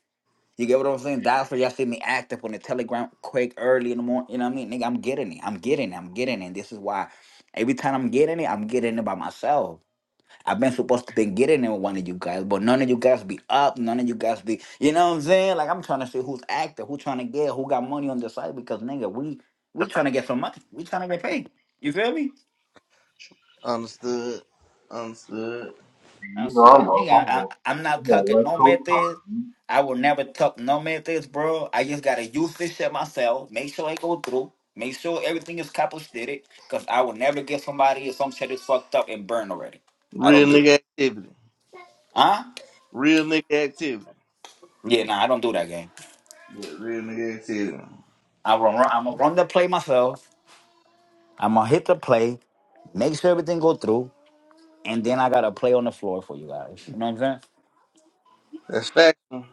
Speaker 1: You get what I'm saying? That's why y'all see me active on the telegram quick early in the morning. You know what I mean? Nigga, I'm getting it. I'm getting it. I'm getting it. This is why every time I'm getting it, I'm getting it by myself. I've been supposed to be getting it with one of you guys, but none of you guys be up. None of you guys be, you know what I'm saying? Like I'm trying to see who's active, who trying to get, who got money on the side because nigga, we we trying to get some money. We trying to get paid. You feel me?
Speaker 2: Understood. Understood.
Speaker 1: I
Speaker 3: you know I'm
Speaker 1: said,
Speaker 3: up.
Speaker 1: nigga,
Speaker 3: I'm
Speaker 1: I,
Speaker 3: on,
Speaker 1: I'm not
Speaker 3: I'm on
Speaker 1: tucking
Speaker 3: West
Speaker 1: no
Speaker 3: Coast
Speaker 1: methods.
Speaker 3: time.
Speaker 1: I will never tuck no methods, bro. I just gotta use this shit myself. Make sure I go through. Make sure everything is compensated. Cause I will never get somebody if some shit is fucked up and burned already. I don't
Speaker 2: Real
Speaker 1: do.
Speaker 2: nigga activity.
Speaker 1: Huh?
Speaker 2: Real nigga activity.
Speaker 1: Yeah, nah, I don't do that game.
Speaker 2: Yeah, real nigga activity.
Speaker 1: I will run, I'm gonna run the play myself. I'm gonna hit the play. Make sure everything go through, and then I gotta play on the floor for you guys. You know what I'm saying?
Speaker 2: That's factual.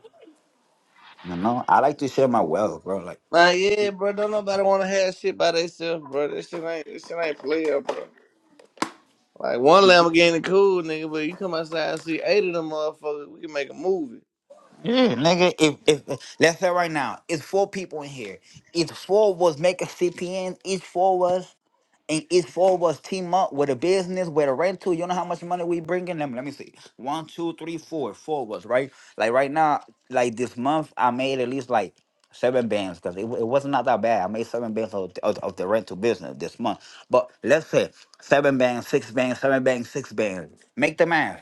Speaker 1: You know, I like to share my wealth, bro. Like.
Speaker 2: Like, yeah, bro, don't nobody want to have shit by themselves, bro. This shit ain't, this shit ain't player, bro. Like, one Lamborghini cool, nigga, but you come outside and see eight of them motherfuckers, we can make a movie.
Speaker 1: Yeah, nigga. If if if- let's say right now, it's four people in here. It's four of us making CPNs. Each four of us, and each four of us team up with a business, with a rental. You know how much money we bring in? Let me, let me see. One, two, three, four. Four of us, right? Like right now, like this month, I made at least like seven bands because it, wa- it wasn't not that bad. I made seven bands of, of, of the rental business this month. But let's say seven bands, six bands, seven bands, six bands. Make the math.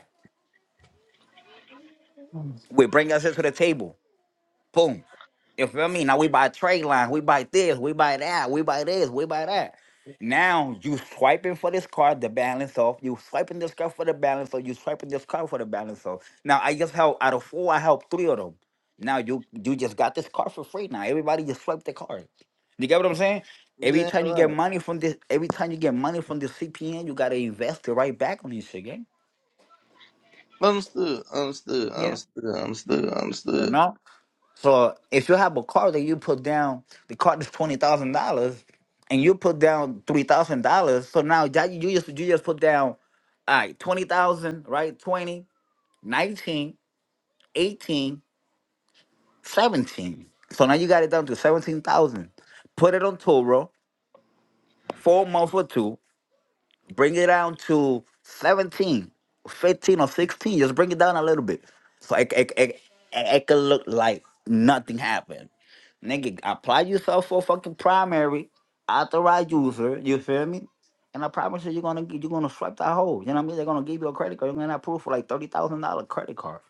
Speaker 7: Mm.
Speaker 1: We bring us to the table. Boom. You feel me? Now we buy trade line, we buy this, we buy that, we buy this, we buy that. Now you swiping for this card, the balance off. You swiping this card for the balance off. You swiping this card for the balance off. Now I just helped out of four, I helped three of them. Now you you just got this card for free. Now everybody just swipe the card. You get what I'm saying? Every
Speaker 2: Damn
Speaker 1: time you get
Speaker 2: right.
Speaker 1: money from this, every time you get money from the CPN, you gotta invest it right back on this shit, gang.
Speaker 2: Understood, understood,
Speaker 7: Yeah.
Speaker 2: understood, understood,
Speaker 1: You
Speaker 2: understood.
Speaker 1: know? So if you have a car that you put down, the car is twenty thousand dollars, and you put down three thousand dollars. So now that you just you just put down, all right, twenty thousand, right? 20 19 18 17. So now you got it down to seventeen thousand. Put it on Toro, four months or two. bring it down to 17, 15 or 16 just bring it down a little bit so it, it, it, it, it could look like nothing happened nigga apply yourself for fucking primary authorized user you feel me and I promise you, you're gonna get- you're gonna swipe that hole. You know what I mean? They're gonna give you a credit card. You're gonna approve for like thirty thousand dollar credit card.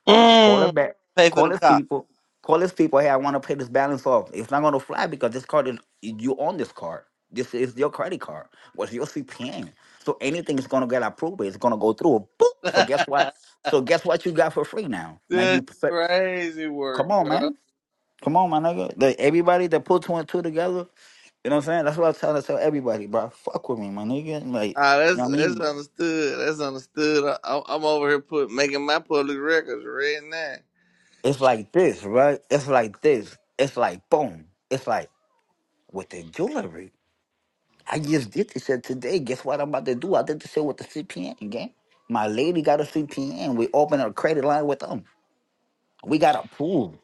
Speaker 1: Call
Speaker 2: Mm,
Speaker 1: it back.
Speaker 2: pay for the
Speaker 1: Call his
Speaker 2: cop.
Speaker 1: people. Call his people. Hey, I want to pay this balance off. It's not gonna fly because this card is you own this card. This is your credit card. What's your CPN? So anything is gonna get approved, it's gonna go through. Boop. So guess what? So guess what you got for free now? Now
Speaker 2: This
Speaker 1: you perfect.
Speaker 2: crazy work,
Speaker 1: Come on,
Speaker 2: bro.
Speaker 1: man. Come on, my nigga. Like, everybody that put two and two together, you know what I'm saying? That's what I'm trying to tell everybody, bro. Fuck with me, my nigga. Like,
Speaker 2: Ah,
Speaker 1: you know
Speaker 2: that's
Speaker 1: what I
Speaker 2: that's
Speaker 1: mean?
Speaker 2: understood. That's understood. I, I'm I'm over here put making my public records right now.
Speaker 1: It's like this, right? It's like this. It's like boom. It's like with the jewelry. I just did this shit today. Guess what I'm about to do? I did this shit with the CPN gang. My lady got a CPN. We opened a credit line with them. We got approved.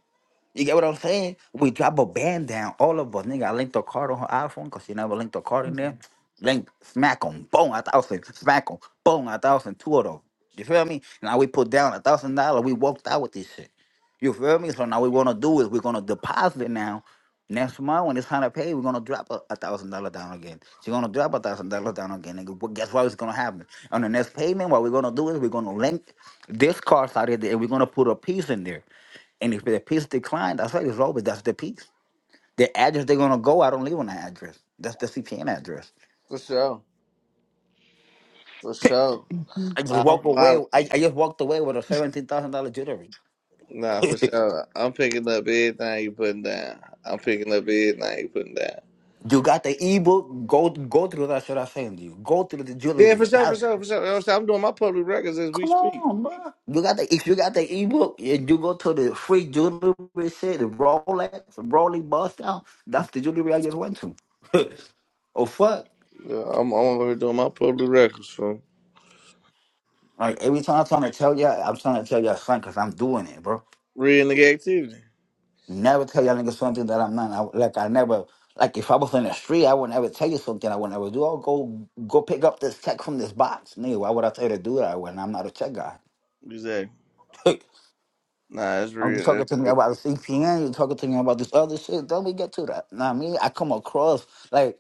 Speaker 1: You get what I'm saying? We drop a band down, all of us. Nigga, I linked a card on her iPhone because she never linked a card in there. Link, smack 'em, boom, a thousand, smack 'em, boom, a thousand, two of them. You feel me? Now we put down a thousand dollar, we walked out with this shit. You feel me? So now we wanna do is we're gonna deposit now. Next month when it's time to pay, we're gonna drop a a thousand dollar down again. She's gonna drop a thousand dollar down again. Nigga, But guess what is gonna happen? On the next payment, what we're gonna do is we're gonna link this card out of there and we're gonna put a piece in there. And if the piece declined, I said it's over. That's the piece. The address they're gonna go, I don't live on that address. That's the CPN address.
Speaker 2: For sure. For sure.
Speaker 7: Mhm.
Speaker 1: I just
Speaker 2: I'm
Speaker 1: walked away.
Speaker 2: following.
Speaker 1: I, I just walked away with a seventeen thousand dollar jewelry.
Speaker 2: Nah, for
Speaker 1: you
Speaker 2: sure. I'm picking up everything you putting down. I'm picking up everything you putting down.
Speaker 1: got the ebook. Go go through that shit I sent you. Go through the
Speaker 2: Yeah, for
Speaker 1: jewelry.
Speaker 2: sure, for
Speaker 1: That's
Speaker 2: sure, for sure. You know what I'm, saying? I'm doing my public records as we
Speaker 1: come
Speaker 2: speak.
Speaker 1: on, bro. You got the if you got the ebook and you go to the free jewelry shit, the Rolex, Rolex bust down. That's the jewelry I just went to. oh fuck!
Speaker 2: Yeah, I'm, I'm over here doing my public records for
Speaker 1: Like every time I'm trying to tell you, I'm trying to tell you, son, because I'm doing it, bro.
Speaker 2: real nigga activity.
Speaker 1: Never tell y'all niggas something that I'm not. I, like I never, like if I was in the street, I would not ever tell you something I would not ever do. Oh, go go pick up this check from this box, nigga. Why would I tell you to do that when I'm not a check guy?
Speaker 2: Exactly. Nah, that's
Speaker 1: I'm just
Speaker 2: real.
Speaker 1: talking to me about the CPN. you talking to me about this other shit. Don't we get to that? Know what I mean, I come across like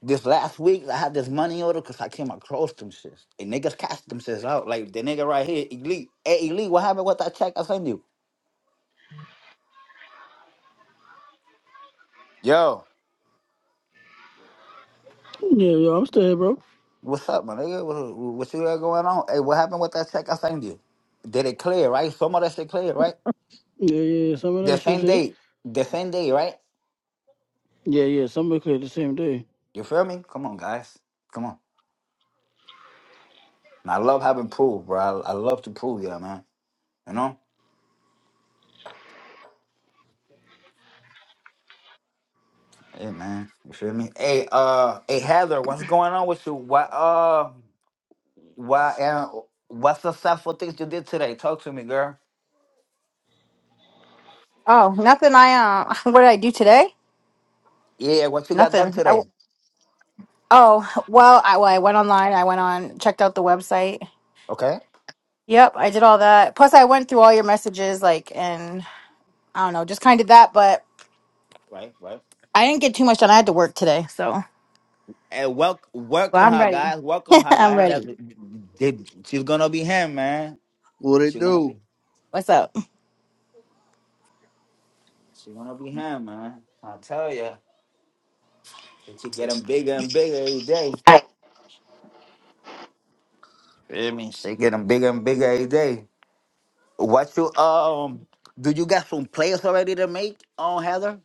Speaker 1: this last week. I had this money order because I came across them shits and niggas cashed themselves out. Like the nigga right here, elite. Hey, elite, what happened with that check I sent you? Yo.
Speaker 4: Yeah, yo, I'm still here, bro.
Speaker 1: What's up, my nigga? What, what you got going on? Hey, what happened with that check I sent you? Did it clear, right? Some of that shit clear, right?
Speaker 4: Yeah, yeah, yeah. Some of
Speaker 1: The
Speaker 4: that shit
Speaker 1: same
Speaker 4: did.
Speaker 1: day. The same day, right?
Speaker 4: Yeah, yeah. Somebody cleared the same day.
Speaker 1: You feel me? Come on, guys. Come on. And I love having proof, bro. I, I love to prove yeah, man. You know? Hey man. You feel me? Hey, uh hey Heather, what's going on with you? What uh why and what successful things you did today? Talk to me, girl.
Speaker 7: Oh, nothing. I um, what did I do today?
Speaker 1: Yeah, what you got done
Speaker 7: Nothing. I, w
Speaker 1: today.
Speaker 7: oh, well, I, well, I went online. I went on, checked out the website.
Speaker 1: Okay.
Speaker 7: Yep, I did all that. Plus, I went through all your messages, like, and I don't know, just kind of that. But
Speaker 1: Right, right.
Speaker 7: I didn't get too much done. I had to work today, so.
Speaker 1: And wel-
Speaker 7: But
Speaker 1: welcome
Speaker 7: I'm
Speaker 1: her,
Speaker 7: ready.
Speaker 1: guys. Welcome her,
Speaker 7: I'm
Speaker 1: guys. That
Speaker 7: ready.
Speaker 1: they, she's gonna be him, man.
Speaker 2: What it
Speaker 1: She's gonna be
Speaker 2: do?
Speaker 7: What's up?
Speaker 1: she's gonna be him, man. I tell you, she getting bigger and bigger every day. I mean, she getting bigger and bigger every day. What you um? Do you got some players already to make on Heather?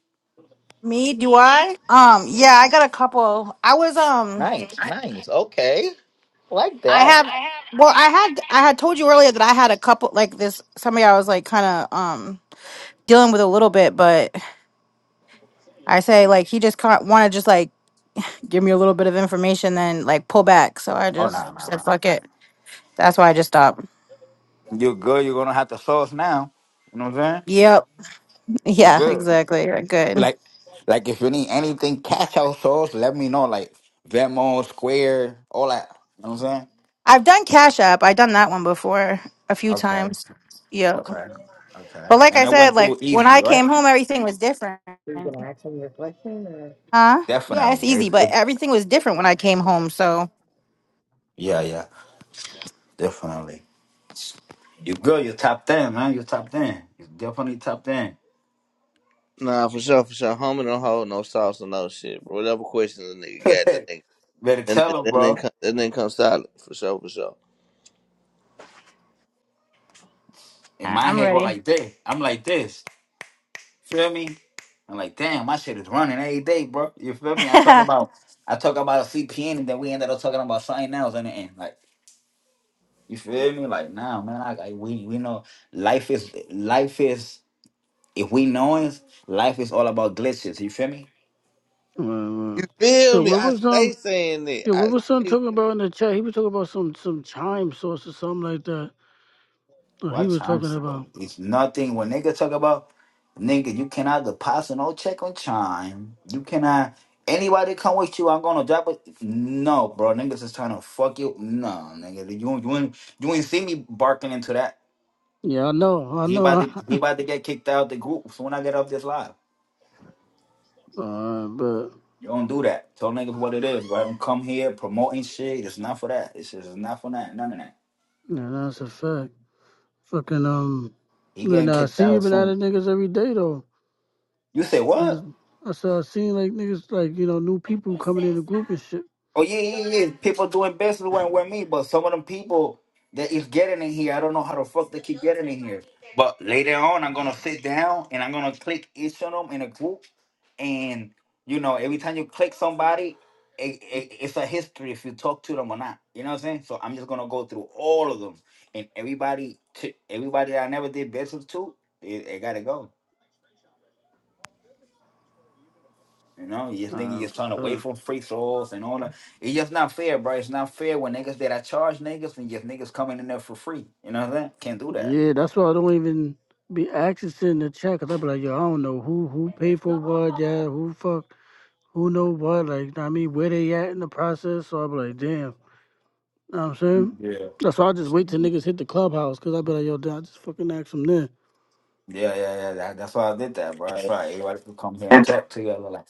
Speaker 7: Me, do I? Um, yeah, I got a couple. I was um
Speaker 1: Nice, nice. Okay, like
Speaker 7: I
Speaker 1: that.
Speaker 7: have well, I had I had told you earlier that I had a couple like this somebody I was like kind of um dealing with a little bit, but I say like he just can't want to just like give me a little bit of information then like pull back. So I
Speaker 1: Oh no,
Speaker 7: just
Speaker 1: no,
Speaker 7: said
Speaker 1: no.
Speaker 7: fuck it. That's why I just stopped.
Speaker 1: You're good. You're gonna have to source now. You know what I'm saying?
Speaker 7: Yep.
Speaker 1: You're
Speaker 7: Yeah,
Speaker 1: good.
Speaker 7: exactly. You're Good.
Speaker 1: Like, like if you need anything, cash out souls, let me know. Like Venmo, Square, all that. You know what I'm saying?
Speaker 7: I've done Cash App. I've done that one before a few
Speaker 1: Okay.
Speaker 7: times. Yep.
Speaker 1: Okay. Okay.
Speaker 7: But like
Speaker 1: And
Speaker 7: I
Speaker 1: it
Speaker 7: said,
Speaker 1: went through
Speaker 7: like when I
Speaker 1: easy, right?
Speaker 7: came home everything was different. Huh? Yeah, it's
Speaker 1: Definitely.
Speaker 7: easy,
Speaker 1: It,
Speaker 7: but
Speaker 1: it,
Speaker 7: everything was different when I came home, so
Speaker 1: yeah, yeah. Definitely. You good. You're top 10, man. You're top 10. you definitely top 10.
Speaker 2: Nah, for sure, for sure. Homie don't hold no sauce or no shit, bro. Whatever questions the nigga got, the nigga.
Speaker 1: Better
Speaker 2: And then,
Speaker 1: tell him,
Speaker 2: then, then,
Speaker 1: bro.
Speaker 2: come, then then come solid, for sure, for sure.
Speaker 1: And
Speaker 7: I-
Speaker 1: my
Speaker 7: I'm
Speaker 1: head go
Speaker 7: ready.
Speaker 1: like this. I'm like this. Feel me? I'm like, damn, my shit is running every day, bro. You feel me? I talk about I talk about CPN and then we ended up talking about something else in the end. Like You feel me? Like now, man, like, I- we we know life is life is if we know it, life is all about glitches. You feel me?
Speaker 4: Right, right.
Speaker 2: You
Speaker 4: Yeah,
Speaker 2: feel me?
Speaker 4: what
Speaker 2: I
Speaker 4: was um?
Speaker 2: stay saying it.
Speaker 4: Yeah, what
Speaker 2: I
Speaker 4: was son talking about in the chat? He was talking about some some chime source or something like that. What he
Speaker 1: Watch
Speaker 4: was talking
Speaker 1: Chance. bro.
Speaker 4: about.
Speaker 1: It's nothing when nigga talk about nigga. You cannot deposit no check on chime. You cannot. Anybody come with you, I'm gonna drop it. No, bro, niggas is trying to fuck you. No, nigga, you you ain't you ain't see me barking into that.
Speaker 4: Yeah, I know, I
Speaker 1: He
Speaker 4: know.
Speaker 1: about to he about to get kicked out the group soon. I get off this live.
Speaker 4: uh, but
Speaker 1: You don't do that. Tell niggas what it is. Let them come here promoting shit. It's not for that. It's just it's not for that. None of that.
Speaker 4: yeah, that's a fact. Fucking um,
Speaker 1: He
Speaker 4: you
Speaker 1: getting
Speaker 4: I
Speaker 1: kicked
Speaker 4: see you
Speaker 1: out
Speaker 4: been out
Speaker 1: soon.
Speaker 4: of niggas every day though.
Speaker 1: You say what?
Speaker 4: Niggas, I saw I seen like niggas like you know new people coming in the group and shit.
Speaker 1: Oh yeah, yeah, yeah. yeah. People doing business with, with me, but some of them people that is getting in here, I don't know how the fuck they keep getting in here. But later on, I'm gonna sit down and I'm gonna click each of them in a group, and you know, every time you click somebody, it, it, it's a history if you talk to them or not. You know what I'm saying? So I'm just gonna go through all of them, and everybody, t- everybody that I never did business to, it, it gotta go. You know, you just niggas
Speaker 4: Uh,
Speaker 1: just trying to
Speaker 4: but, uh,
Speaker 1: wait for free throws and all that. It's just not fair, bro. It's not fair when niggas that I charge niggas and just niggas coming in there for free. You know what I'm saying? Can't do that.
Speaker 4: Yeah, that's why I don't even be accessing the chat because I be like, yo, I don't know who who paid for what, yeah, who fuck, who know what, like, know what I mean, where they at in the process. So I be like, damn, know what I'm saying?
Speaker 1: Yeah.
Speaker 4: That's why I just wait till niggas hit the clubhouse because I be like, yo, damn, I just fucking ask them then.
Speaker 1: Yeah, yeah, yeah. That, that's why I did that, bro. That's right. Everybody can come here and talk to you. Like,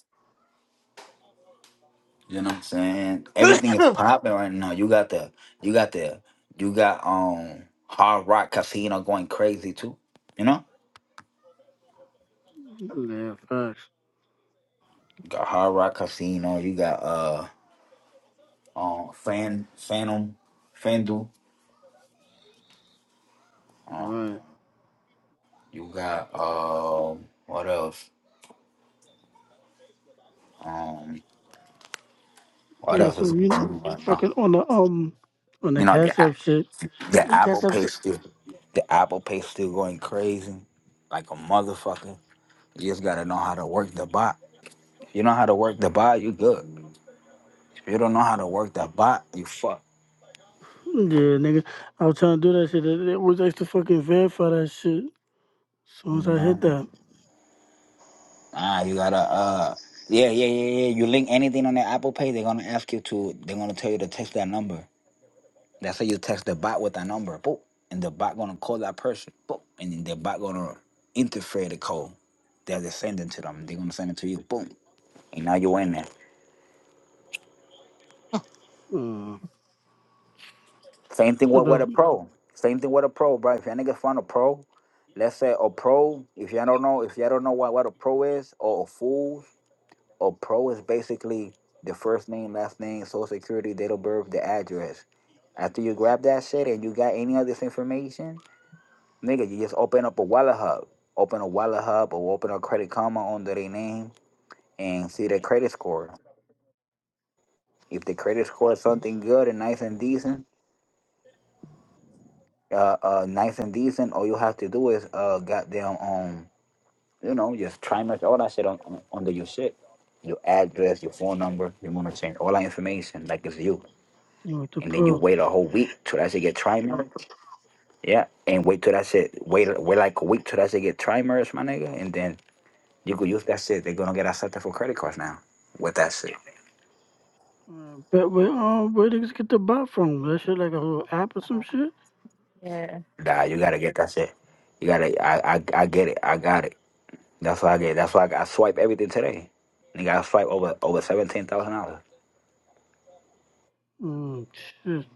Speaker 1: you know what I'm saying? Everything is
Speaker 2: stay.
Speaker 1: popping right now. You got the, you got the, you got um Hard Rock Casino going crazy too. You know,
Speaker 4: Yeah, facts.
Speaker 1: you got Hard Rock Casino. You got uh um Fan Phantom FanDuel. Um,
Speaker 4: Right.
Speaker 1: You got um what else? Um what
Speaker 4: Yeah,
Speaker 1: else
Speaker 4: so
Speaker 1: is
Speaker 4: you
Speaker 1: going
Speaker 4: know,
Speaker 1: on right now?
Speaker 4: fucking on the um, on the
Speaker 1: You know
Speaker 4: cash
Speaker 1: the app-
Speaker 4: up shit, on
Speaker 1: the
Speaker 4: the
Speaker 1: Apple
Speaker 4: cash up
Speaker 1: Pay
Speaker 4: shit.
Speaker 1: still the Apple Pay still going crazy like a motherfucker. You just gotta know how to work the bot. If you know how to work the bot, you good. If you don't know how to work the bot, you fuck.
Speaker 4: Yeah, nigga, I was trying to do that shit. It, it was extra fucking verify that shit. As soon as I hit
Speaker 1: No.
Speaker 4: that.
Speaker 1: Ah, you gotta uh yeah, yeah, yeah, yeah. You link anything on the Apple Pay, they're gonna ask you to they're gonna tell you to text that number. That's how you text the bot with a number, boop, and the bot gonna call that person, boop, and then the bot gonna interfere the call that they're sending to them. They're gonna send it to you, boom, and now you in there.
Speaker 4: Mm.
Speaker 1: Same thing
Speaker 4: So
Speaker 1: with, with a
Speaker 4: the
Speaker 1: pro. Same thing with a pro, bro. If your nigga find a pro, let's say a pro. If you don't know, if you don't know what, what a pro is or a fool, a pro is basically the first name, last name, social security, date of birth, the address. After you grab that shit and you got any of this information, Nigga, you just open up a wallet hub. Open a wallet hub or open a credit Karma under their name and see their credit score. If the credit score is something good and nice and decent, uh, uh nice and decent, all you have to do is uh goddamn um you know, just try much all that shit on, on under your shit. Your address, your phone number, you wanna change all that information like it's you.
Speaker 4: You know, the
Speaker 1: And then you
Speaker 4: pro.
Speaker 1: wait a whole week till that shit get trimered. Yeah. And wait till that shit wait wait like a week till that shit get trimerized, my nigga, and then You could use that shit. They're gonna get accepted for credit cards now with that shit.
Speaker 4: Uh, but where um where niggas get the bot from? That shit like a little app or some shit?
Speaker 7: yeah.
Speaker 1: Nah, you gotta get that shit. You gotta. I I, I get it. I got it. That's why I get. That's why I, I swipe everything today. Nigga, I swipe over over seventeen thousand dollars.
Speaker 4: Mm, shit.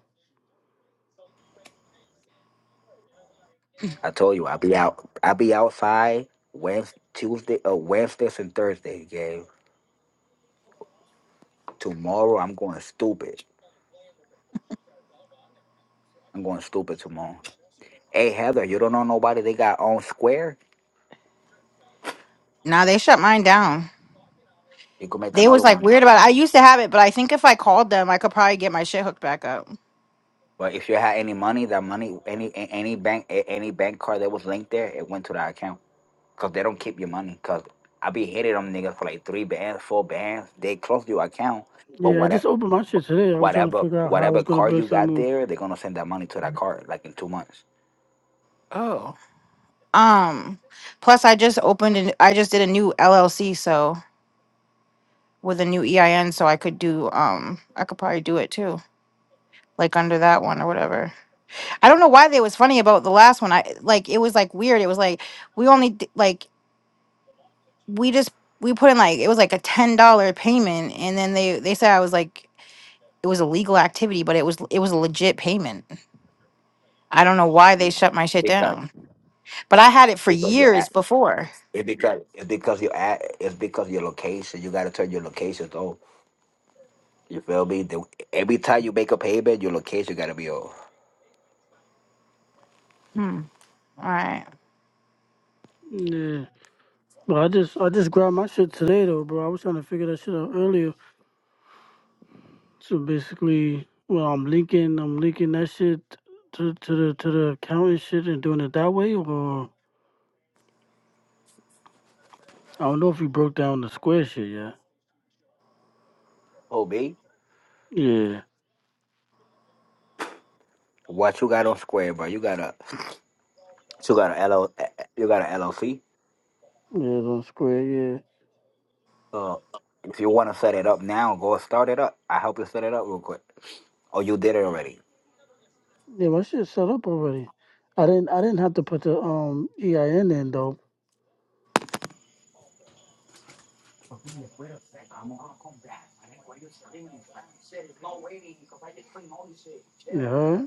Speaker 1: I told you, I be out. I be outside Wednesday, Tuesday, uh, Wednesdays and Thursday. Gabe. Tomorrow, I'm going stupid. I'm going stupid tomorrow. Hey Heather, you don't know nobody? They got on Square.
Speaker 7: Now they shut mine down.
Speaker 1: You can make
Speaker 7: They was
Speaker 1: another
Speaker 7: like
Speaker 1: one.
Speaker 7: weird about it. I used to have it, but I think if I called them, I could probably get my shit hooked back up.
Speaker 1: But if you had any money, that money, any a- any bank, a- any bank card that was linked there, it went to that account. Cause they don't keep your money. Cause I be hitting them niggas for like three bands, four bands. They close your account, but
Speaker 4: Yeah, I
Speaker 1: whatever,
Speaker 4: just opened my shit today. I was trying to
Speaker 1: whatever,
Speaker 4: figure out how I was
Speaker 1: whatever
Speaker 4: gonna
Speaker 1: card you
Speaker 4: break that
Speaker 1: got
Speaker 4: move.
Speaker 1: there, they're gonna send that money to that card like in two months.
Speaker 7: Oh. Um. Plus, I just opened and I just did a new LLC, so with a new EIN, so I could do um. I could probably do it too, like under that one or whatever. I don't know why they was funny about the last one. I like it was like weird. It was like we only d- like we just we put in like it was like a ten dollar payment, and then they they said I was like it was a legal activity, but it was it was a legit payment. I don't know why they
Speaker 1: Yeah,
Speaker 7: shut my shit
Speaker 1: because
Speaker 7: down, but I had it for
Speaker 1: because your
Speaker 7: years
Speaker 1: ass,
Speaker 7: before.
Speaker 1: it's because it's because your ad, it's because your location. You gotta turn your locations off. You feel me? The, every time you make a payment, your location gotta be off.
Speaker 7: Hmm. All right,
Speaker 4: Yeah. But I just I just grabbed my shit today though, bro. I was trying to figure that shit out earlier. So basically well I'm linking I'm linking that shit to to the to the account and shit and doing it that way or I don't know if we broke down the square shit yet.
Speaker 1: Oh, B.
Speaker 4: Yeah.
Speaker 1: What you got on Square, bro? You got a you got a LL, you got a LLC.
Speaker 4: Yeah, it's on square, yeah.
Speaker 1: Uh, if you want to set it up now, go start it up. I help you set it up real quick. Oh, you did it already.
Speaker 4: Yeah, my shit set up already. I didn't I didn't have to put the um EIN in though. Yeah.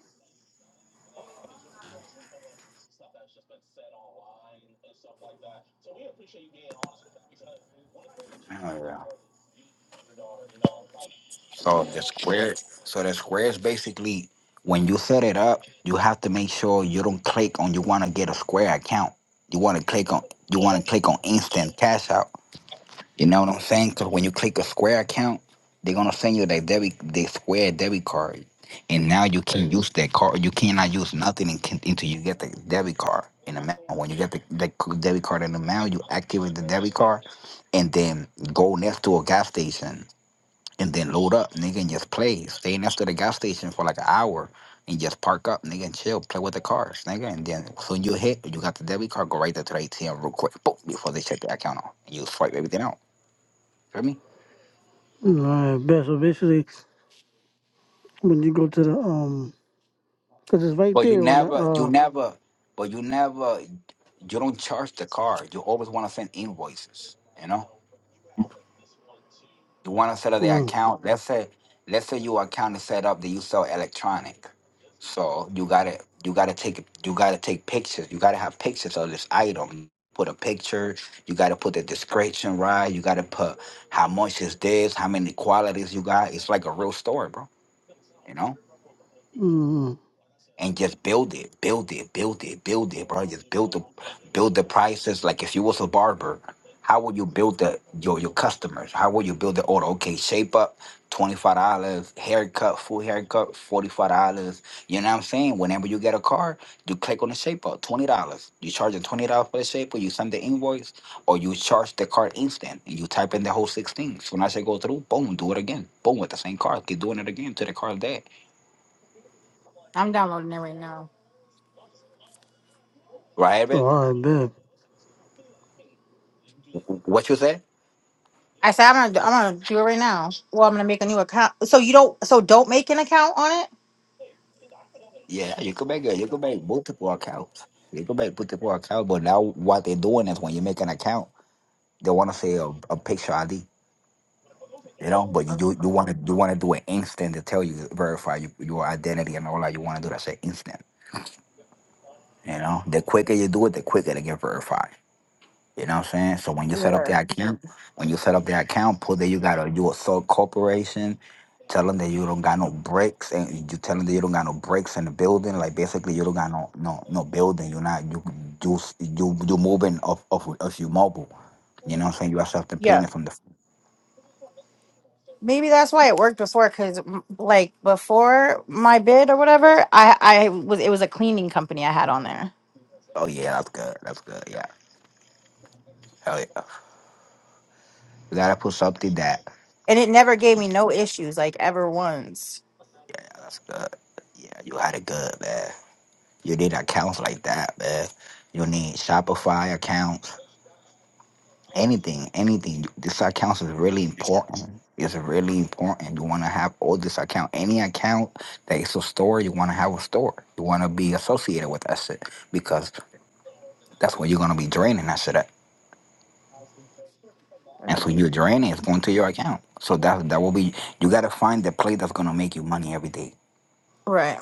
Speaker 1: Oh, yeah. So the Square, so the Square is basically when you set it up, you have to make sure you don't click on you want to get a Square account. You want to click on you want to click on instant cash out. You know what I'm saying? Because when you click a Square account, they're gonna send you their debit, their Square debit card, and now you can use that card. You cannot use nothing in, until you get the debit card in the mail. When you get the, the c- debit card in the mail, you activate the debit card, and then go next to a gas station, and then load up, nigga, and just play. Stay next to the gas station for like an hour. And just park up, nigga, and chill, play with the cars, nigga. And then soon you hit, you got the debit card, go right there to the ATM real quick, boom, before they shut the account off. And you swipe everything out. Feel me?
Speaker 4: Alright, bet. So basically when you go to the um cause it's right
Speaker 1: But you
Speaker 4: there on the
Speaker 1: never, you
Speaker 4: uh
Speaker 1: never, but you never, you don't charge the card. You always want to send invoices. You know, you want to set up the
Speaker 4: mm,
Speaker 1: account. Let's say, let's say your account is set up that you sell electronic. So you gotta, you gotta take, you gotta take pictures. You gotta have pictures of this item. Put a picture. You gotta put the description right. You gotta put how much is this, how many qualities you got. It's like a real store, bro. You know.
Speaker 4: mm,
Speaker 1: and just build it, build it, build it, build it, bro. Just build the build the prices. Like if you was a barber, how would you build the your your customers? How would you build the order? Okay, shape up, twenty five dollars, haircut, full haircut, forty five dollars. You know what I'm saying? Whenever you get a car, you click on the shape up, twenty dollars. You charge them twenty dollars for the shape up, you send the invoice, or you charge the card instant and you type in the whole six things. When I say go through, boom, do it again. Boom with the same card. Keep doing it again till the card's dead.
Speaker 7: I'm downloading it right now.
Speaker 1: Right,
Speaker 4: so
Speaker 1: Evan?
Speaker 4: all right, bet.
Speaker 1: What you say?
Speaker 7: I said I'm gonna I'm gonna do it right now. Well, I'm gonna make a new account. So you don't so don't make an account on it.
Speaker 1: Yeah, you could make a, you could make multiple accounts. You could make multiple accounts, but now what they're doing is when you make an account, they want to say a, a picture ID, you know. But you do you want to you want to do an instant to tell you verify you, your identity and all that. You want to do that say instant, you know. The quicker you do it, the quicker they get verified. You know what I'm saying? So when you set up
Speaker 7: Yeah.
Speaker 1: the account, when you set up the account, put that you got a you a sub corporation. Tell them that you don't got no bricks, and you tell them that you don't got no bricks in the building. Like basically, you don't got no no no building. You're not you you you you moving off of of your mobile. You know what I'm saying? You accept the
Speaker 7: Yeah.
Speaker 1: payment from the.
Speaker 7: Maybe that's why it worked before, because like before my bid or whatever, I I was it was a cleaning company I had on there.
Speaker 1: Oh yeah, that's good. That's good. Yeah. Hell yeah. You gotta put something that.
Speaker 7: and it never gave me no issues like ever once.
Speaker 1: Yeah, that's good. Yeah, you had it good, man. You need accounts like that, man. You need Shopify accounts. anything, anything. This account is really important. It's really important. You want to have all this account, any account that is a store, you want to have a store. You want to be associated with that shit because that's where you're gonna be draining that shit at. And so
Speaker 7: Right.
Speaker 1: you're draining, it's going to your account. So that that will be you got to find the play that's gonna make you money every day.
Speaker 7: Right.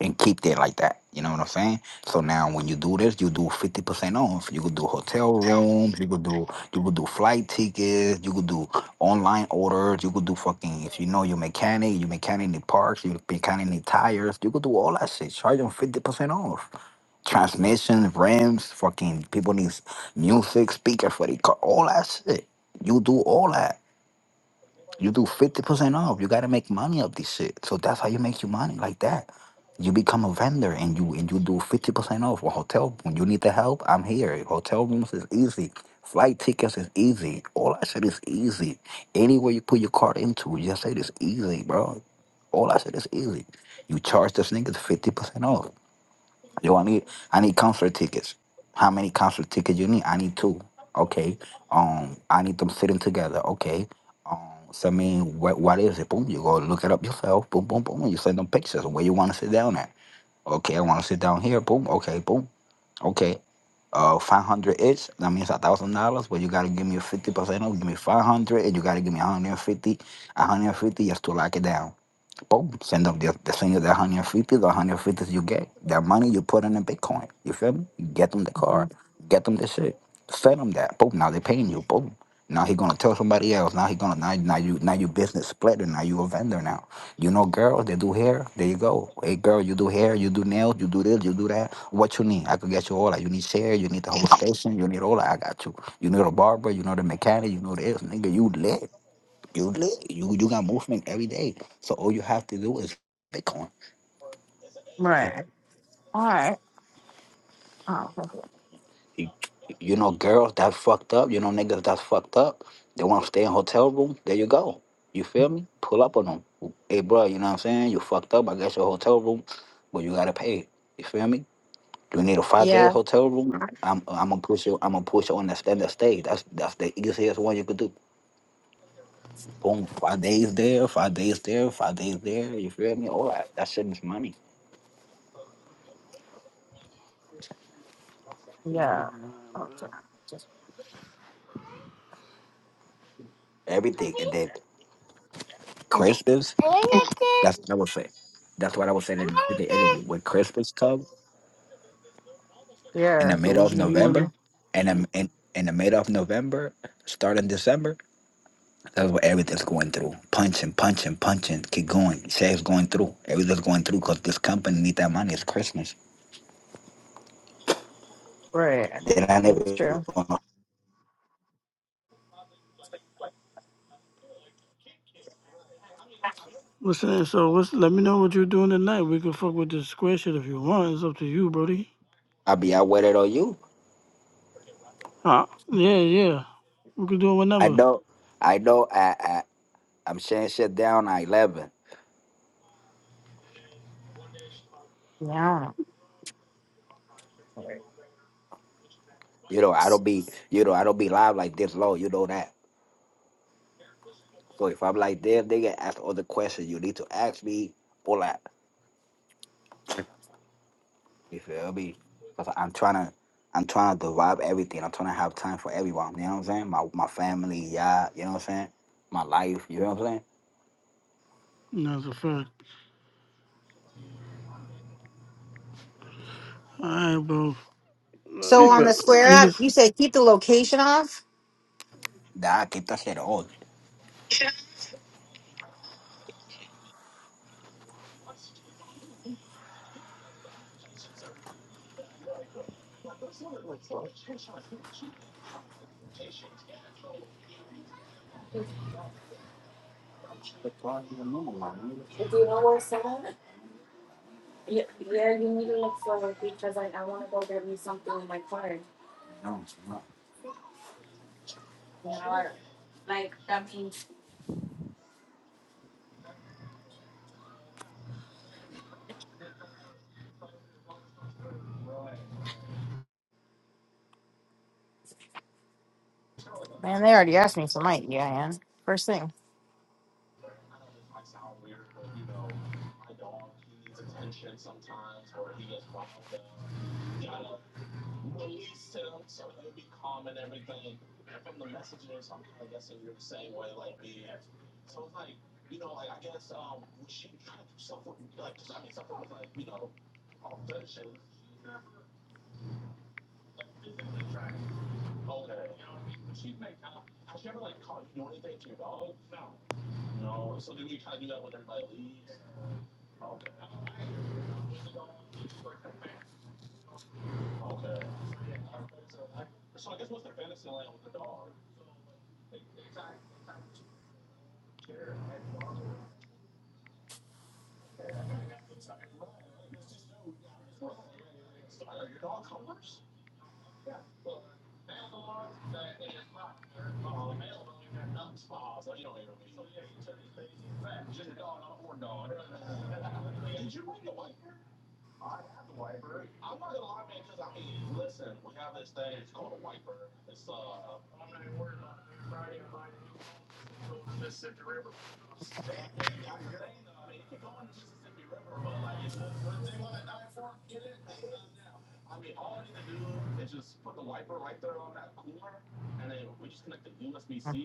Speaker 1: and keep it like that. You know what I'm saying? So now when you do this, you do 50% off. You could do hotel rooms, you could do you could do flight tickets, you could do online orders, you could do fucking if you know your mechanic, you mechanic the parts, you mechanic the tires, you could do all that shit. Charge them 50% off. Transmissions, rims, fucking people need music, speaker for the car, all that shit. You do all that. You do 50% off. You gotta make money off this shit. So that's how you make your money like that. You become a vendor and you and you do 50% off a hotel when you need the help, I'm here. Hotel rooms is easy. Flight tickets is easy. All I said is easy. Anywhere you put your card into, you just say it's easy, bro. All I said is easy. You charge this niggas 50% off. Yo, I need I need concert tickets. How many concert tickets you need? I need two. Okay. Um, I need them sitting together. Okay. Um, so I mean, what what is it? Boom, you go look it up yourself. Boom, boom, boom. You send them pictures of where you want to sit down at. Okay, I want to sit down here. Boom. Okay, boom. Okay. Uh, five hundred each. That means a thousand dollars. But you gotta give me fifty percent off. Give me five hundred, and you gotta give me one hundred and fifty. One hundred and fifty just to lock it down. Boom, send them the, the senior the 150, the 150 you get, that money you put in the Bitcoin. You feel me? You get them the car,
Speaker 7: Mhm.
Speaker 1: get them the shit, send them that. Boom, now they paying you. Boom. Now he gonna tell somebody else. Now he gonna now, now you now you business splitter. Now you a vendor now. You know girls they do hair. There you go. Hey girl, you do hair, you do nails, you do this, you do that. What you need? I could get you all that. You need share. You need the whole station. You need all that. I got you. You need a barber. You know the mechanic. You know this nigga. You lit. You live, you you got movement every day. So all you have to do is Bitcoin.
Speaker 7: Right. All right. Oh, okay.
Speaker 1: You, you know, girls that's fucked up. You know, niggas that's fucked up. They want to stay in hotel room. There you go. You feel me? Pull up on them. Hey, bro, you know what I'm saying? You fucked up. I guess your hotel room, but you gotta pay. You feel me? You need a five day
Speaker 7: yeah.
Speaker 1: hotel room. I'm I'm gonna push you. I'm gonna push you on the standard stage. That's that's the easiest one you could do. Boom, five days there, five days there, five days there. You feel me? All right, that shit is money
Speaker 7: Yeah. Oh, so- just-
Speaker 1: everything. And then Crispus, that's what I would say. That's what I would say to do the interview. When Crispus come in the
Speaker 7: Yeah.
Speaker 4: So
Speaker 1: middle
Speaker 4: what's
Speaker 1: of
Speaker 4: you
Speaker 1: November,
Speaker 4: wanna
Speaker 1: and I'm in, in the middle of November, starting December, that's what everything's going through. Punching, punching, punching, keep going. Say it's going through. Everything's going through because this company need that money. It's Christmas.
Speaker 7: Right.
Speaker 1: Then I
Speaker 7: It's
Speaker 1: never
Speaker 7: true.
Speaker 1: gonna
Speaker 4: what's that? So what's let me know what you're doing tonight. We can fuck with this square shit if you want. It's up to you, Brody.
Speaker 1: I'll be out with it or you.
Speaker 4: Ah. yeah, yeah. We can do it
Speaker 1: I
Speaker 4: whenever.
Speaker 1: know, I know. I, I I'm shutting shit down at eleven.
Speaker 7: Yeah. I don't know.
Speaker 1: You know, I don't be, you know, I don't be live like this low. You know that. So if I'm like them, they can ask all the questions you need to ask me, all that. You feel me? Because I'm trying to, I'm trying to derive everything. I'm trying to have time for everyone. You know what I'm saying? My my family, yeah. You know what I'm saying? My life. You know what I'm saying?
Speaker 4: That's a fact. All right, bro. I
Speaker 7: So
Speaker 4: mean,
Speaker 7: on the
Speaker 4: but
Speaker 7: square app,
Speaker 4: niggas,
Speaker 7: you said keep the location off.
Speaker 1: Nah, get that shit all. No, it's not.
Speaker 7: Man, they already asked me for my EIN. First thing. The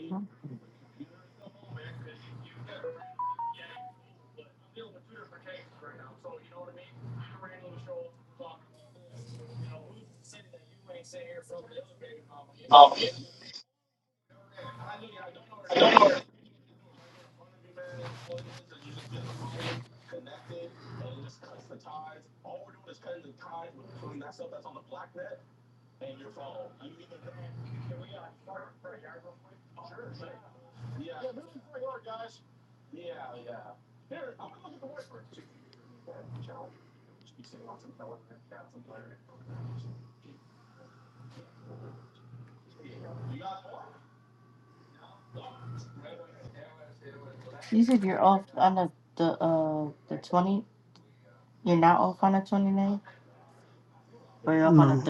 Speaker 4: you know,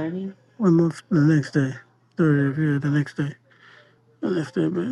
Speaker 4: one month the next day, 30th, yeah, the next day, the next day, man.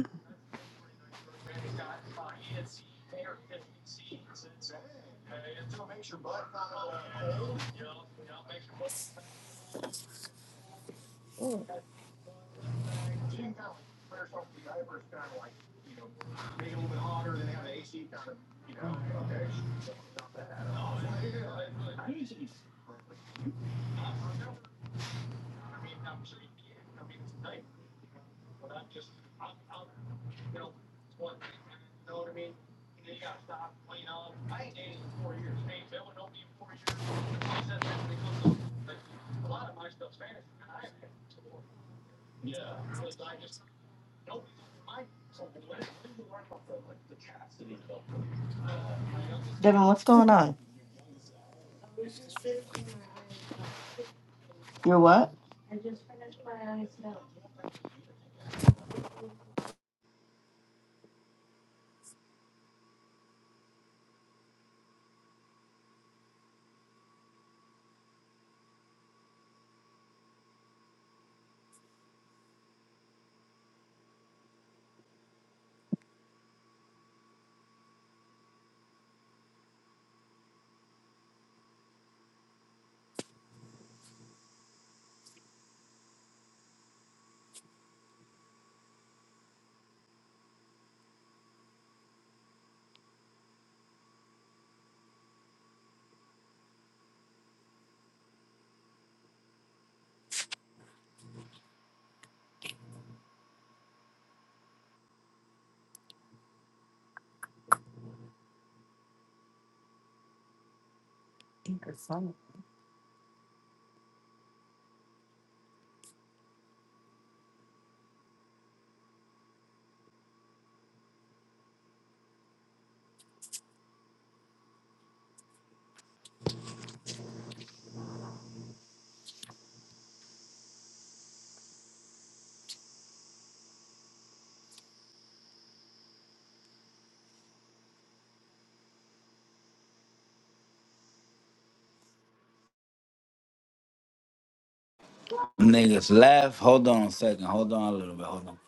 Speaker 1: Niggas left. Hold on a second. Hold on a little bit. Hold on.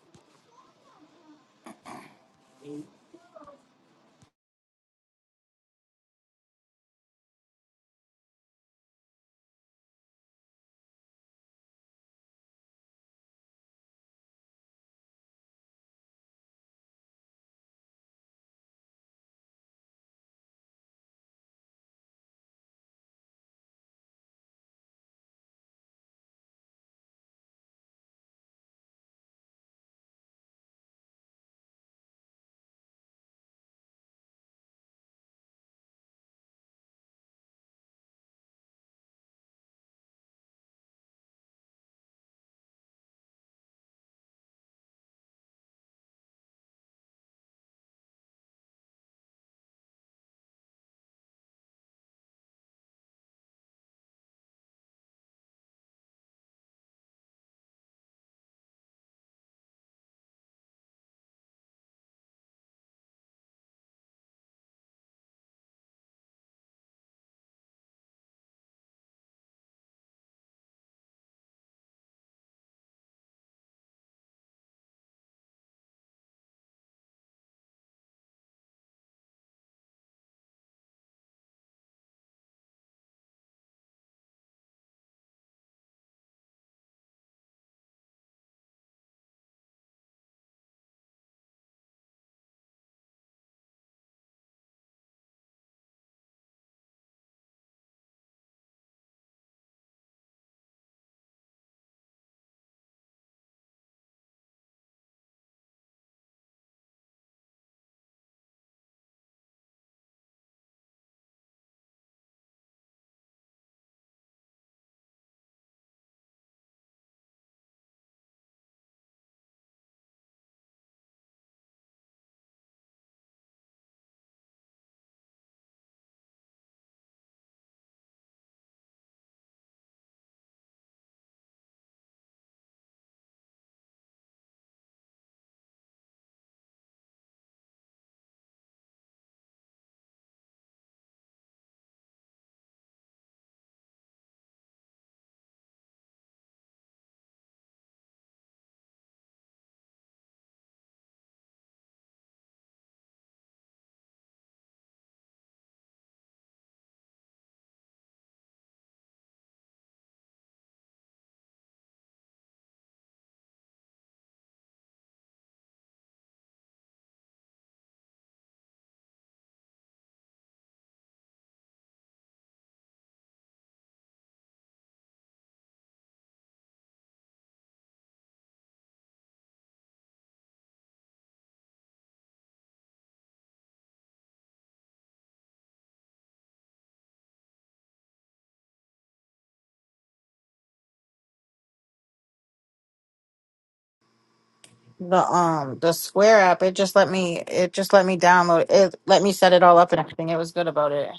Speaker 7: um the Square app, it just let me it just let me download it let me set it all up and everything. It was good about it.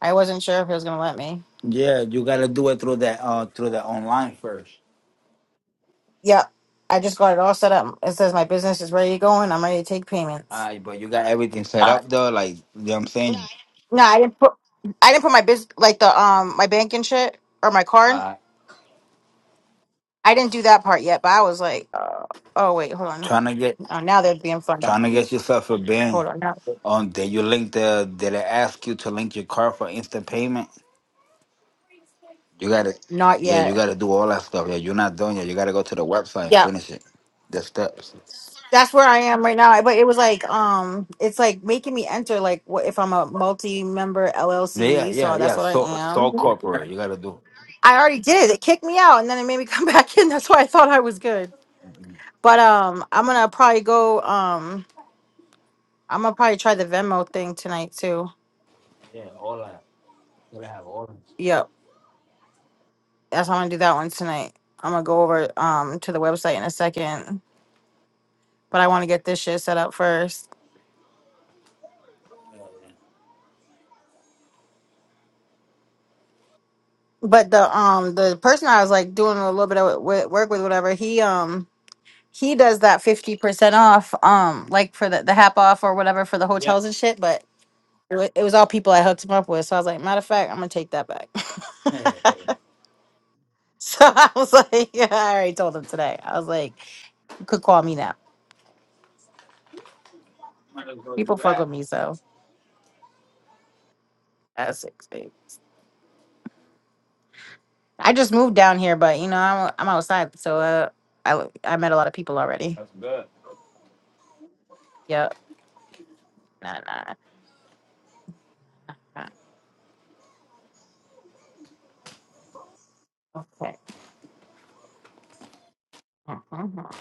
Speaker 7: I wasn't sure if it was gonna let me.
Speaker 1: Yeah, you gotta do it through that uh through the online first.
Speaker 7: Yep. I just got it all set up. It says my business is ready to go and I'm ready to take payments.
Speaker 1: Alright, but you got everything set
Speaker 7: Uh,
Speaker 1: up though, like you know what I'm saying?
Speaker 7: no, I didn't put I didn't put my biz like the um my bank and shit or my card.
Speaker 1: Alright.
Speaker 7: I didn't do that part yet, but I was like, uh, oh wait, hold on.
Speaker 1: Trying to get
Speaker 7: Oh, now they're being fun.
Speaker 1: trying to
Speaker 7: Hold
Speaker 1: get yourself a bin.
Speaker 7: on, not,
Speaker 1: Um, did you link the? Did it ask you to link your card for instant payment? You gotta,
Speaker 7: not
Speaker 1: yeah, you
Speaker 7: yet.
Speaker 1: gotta do all that stuff. Yeah, you're not doing it. You gotta go to the website and
Speaker 7: Yeah.
Speaker 1: finish it. The steps.
Speaker 7: that's where I am right now. But it was like, um, it's like making me enter like what if I'm a multi-member
Speaker 1: Yeah,
Speaker 7: LLC.
Speaker 1: yeah,
Speaker 7: So that's
Speaker 1: yeah.
Speaker 7: what I
Speaker 1: So,
Speaker 7: am.
Speaker 1: so
Speaker 7: Yeah.
Speaker 1: corporate. You gotta do.
Speaker 7: I already did. It kicked me out, and then it made me come back in. That's why I thought I was good. But um, I'm gonna probably go. Um, I'm gonna probably try the Venmo thing tonight too.
Speaker 1: Yeah, all that. You gotta have all.
Speaker 7: Yep, that's how I'm gonna do that one tonight. I'm gonna go over um to the website in a second, but I want to get this shit set up first. But the um the person I was like doing a little bit of wo- work with, whatever he um he does that 50% off um like for the, the half off or whatever for the
Speaker 1: Yeah.
Speaker 7: hotels and shit but it, wa- it was all people i hooked him up with so i was like matter of fact i'm gonna take that back
Speaker 1: Might
Speaker 7: so i was like yeah, i already told him today i was like you could call me now
Speaker 1: as well
Speaker 7: people
Speaker 1: do
Speaker 7: fuck
Speaker 1: that.
Speaker 7: with me so that's six days. i just moved down here but you know i'm, I'm outside so uh, I, I met a lot of people already
Speaker 1: That's good.
Speaker 7: yep nah, nah, nah. okay Mhm. all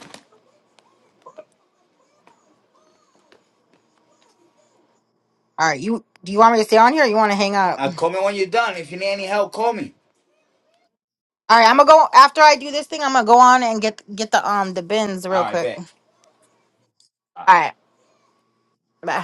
Speaker 7: right you do you want me to stay on here or you want to hang up
Speaker 1: Uh, call me when you're done. If you need any help, call me.
Speaker 7: All right, I'm gonna go after I do this thing. I'm gonna go on and get get the um the bins
Speaker 1: All
Speaker 7: real
Speaker 1: right,
Speaker 7: quick. All
Speaker 1: bet.
Speaker 7: right, bye.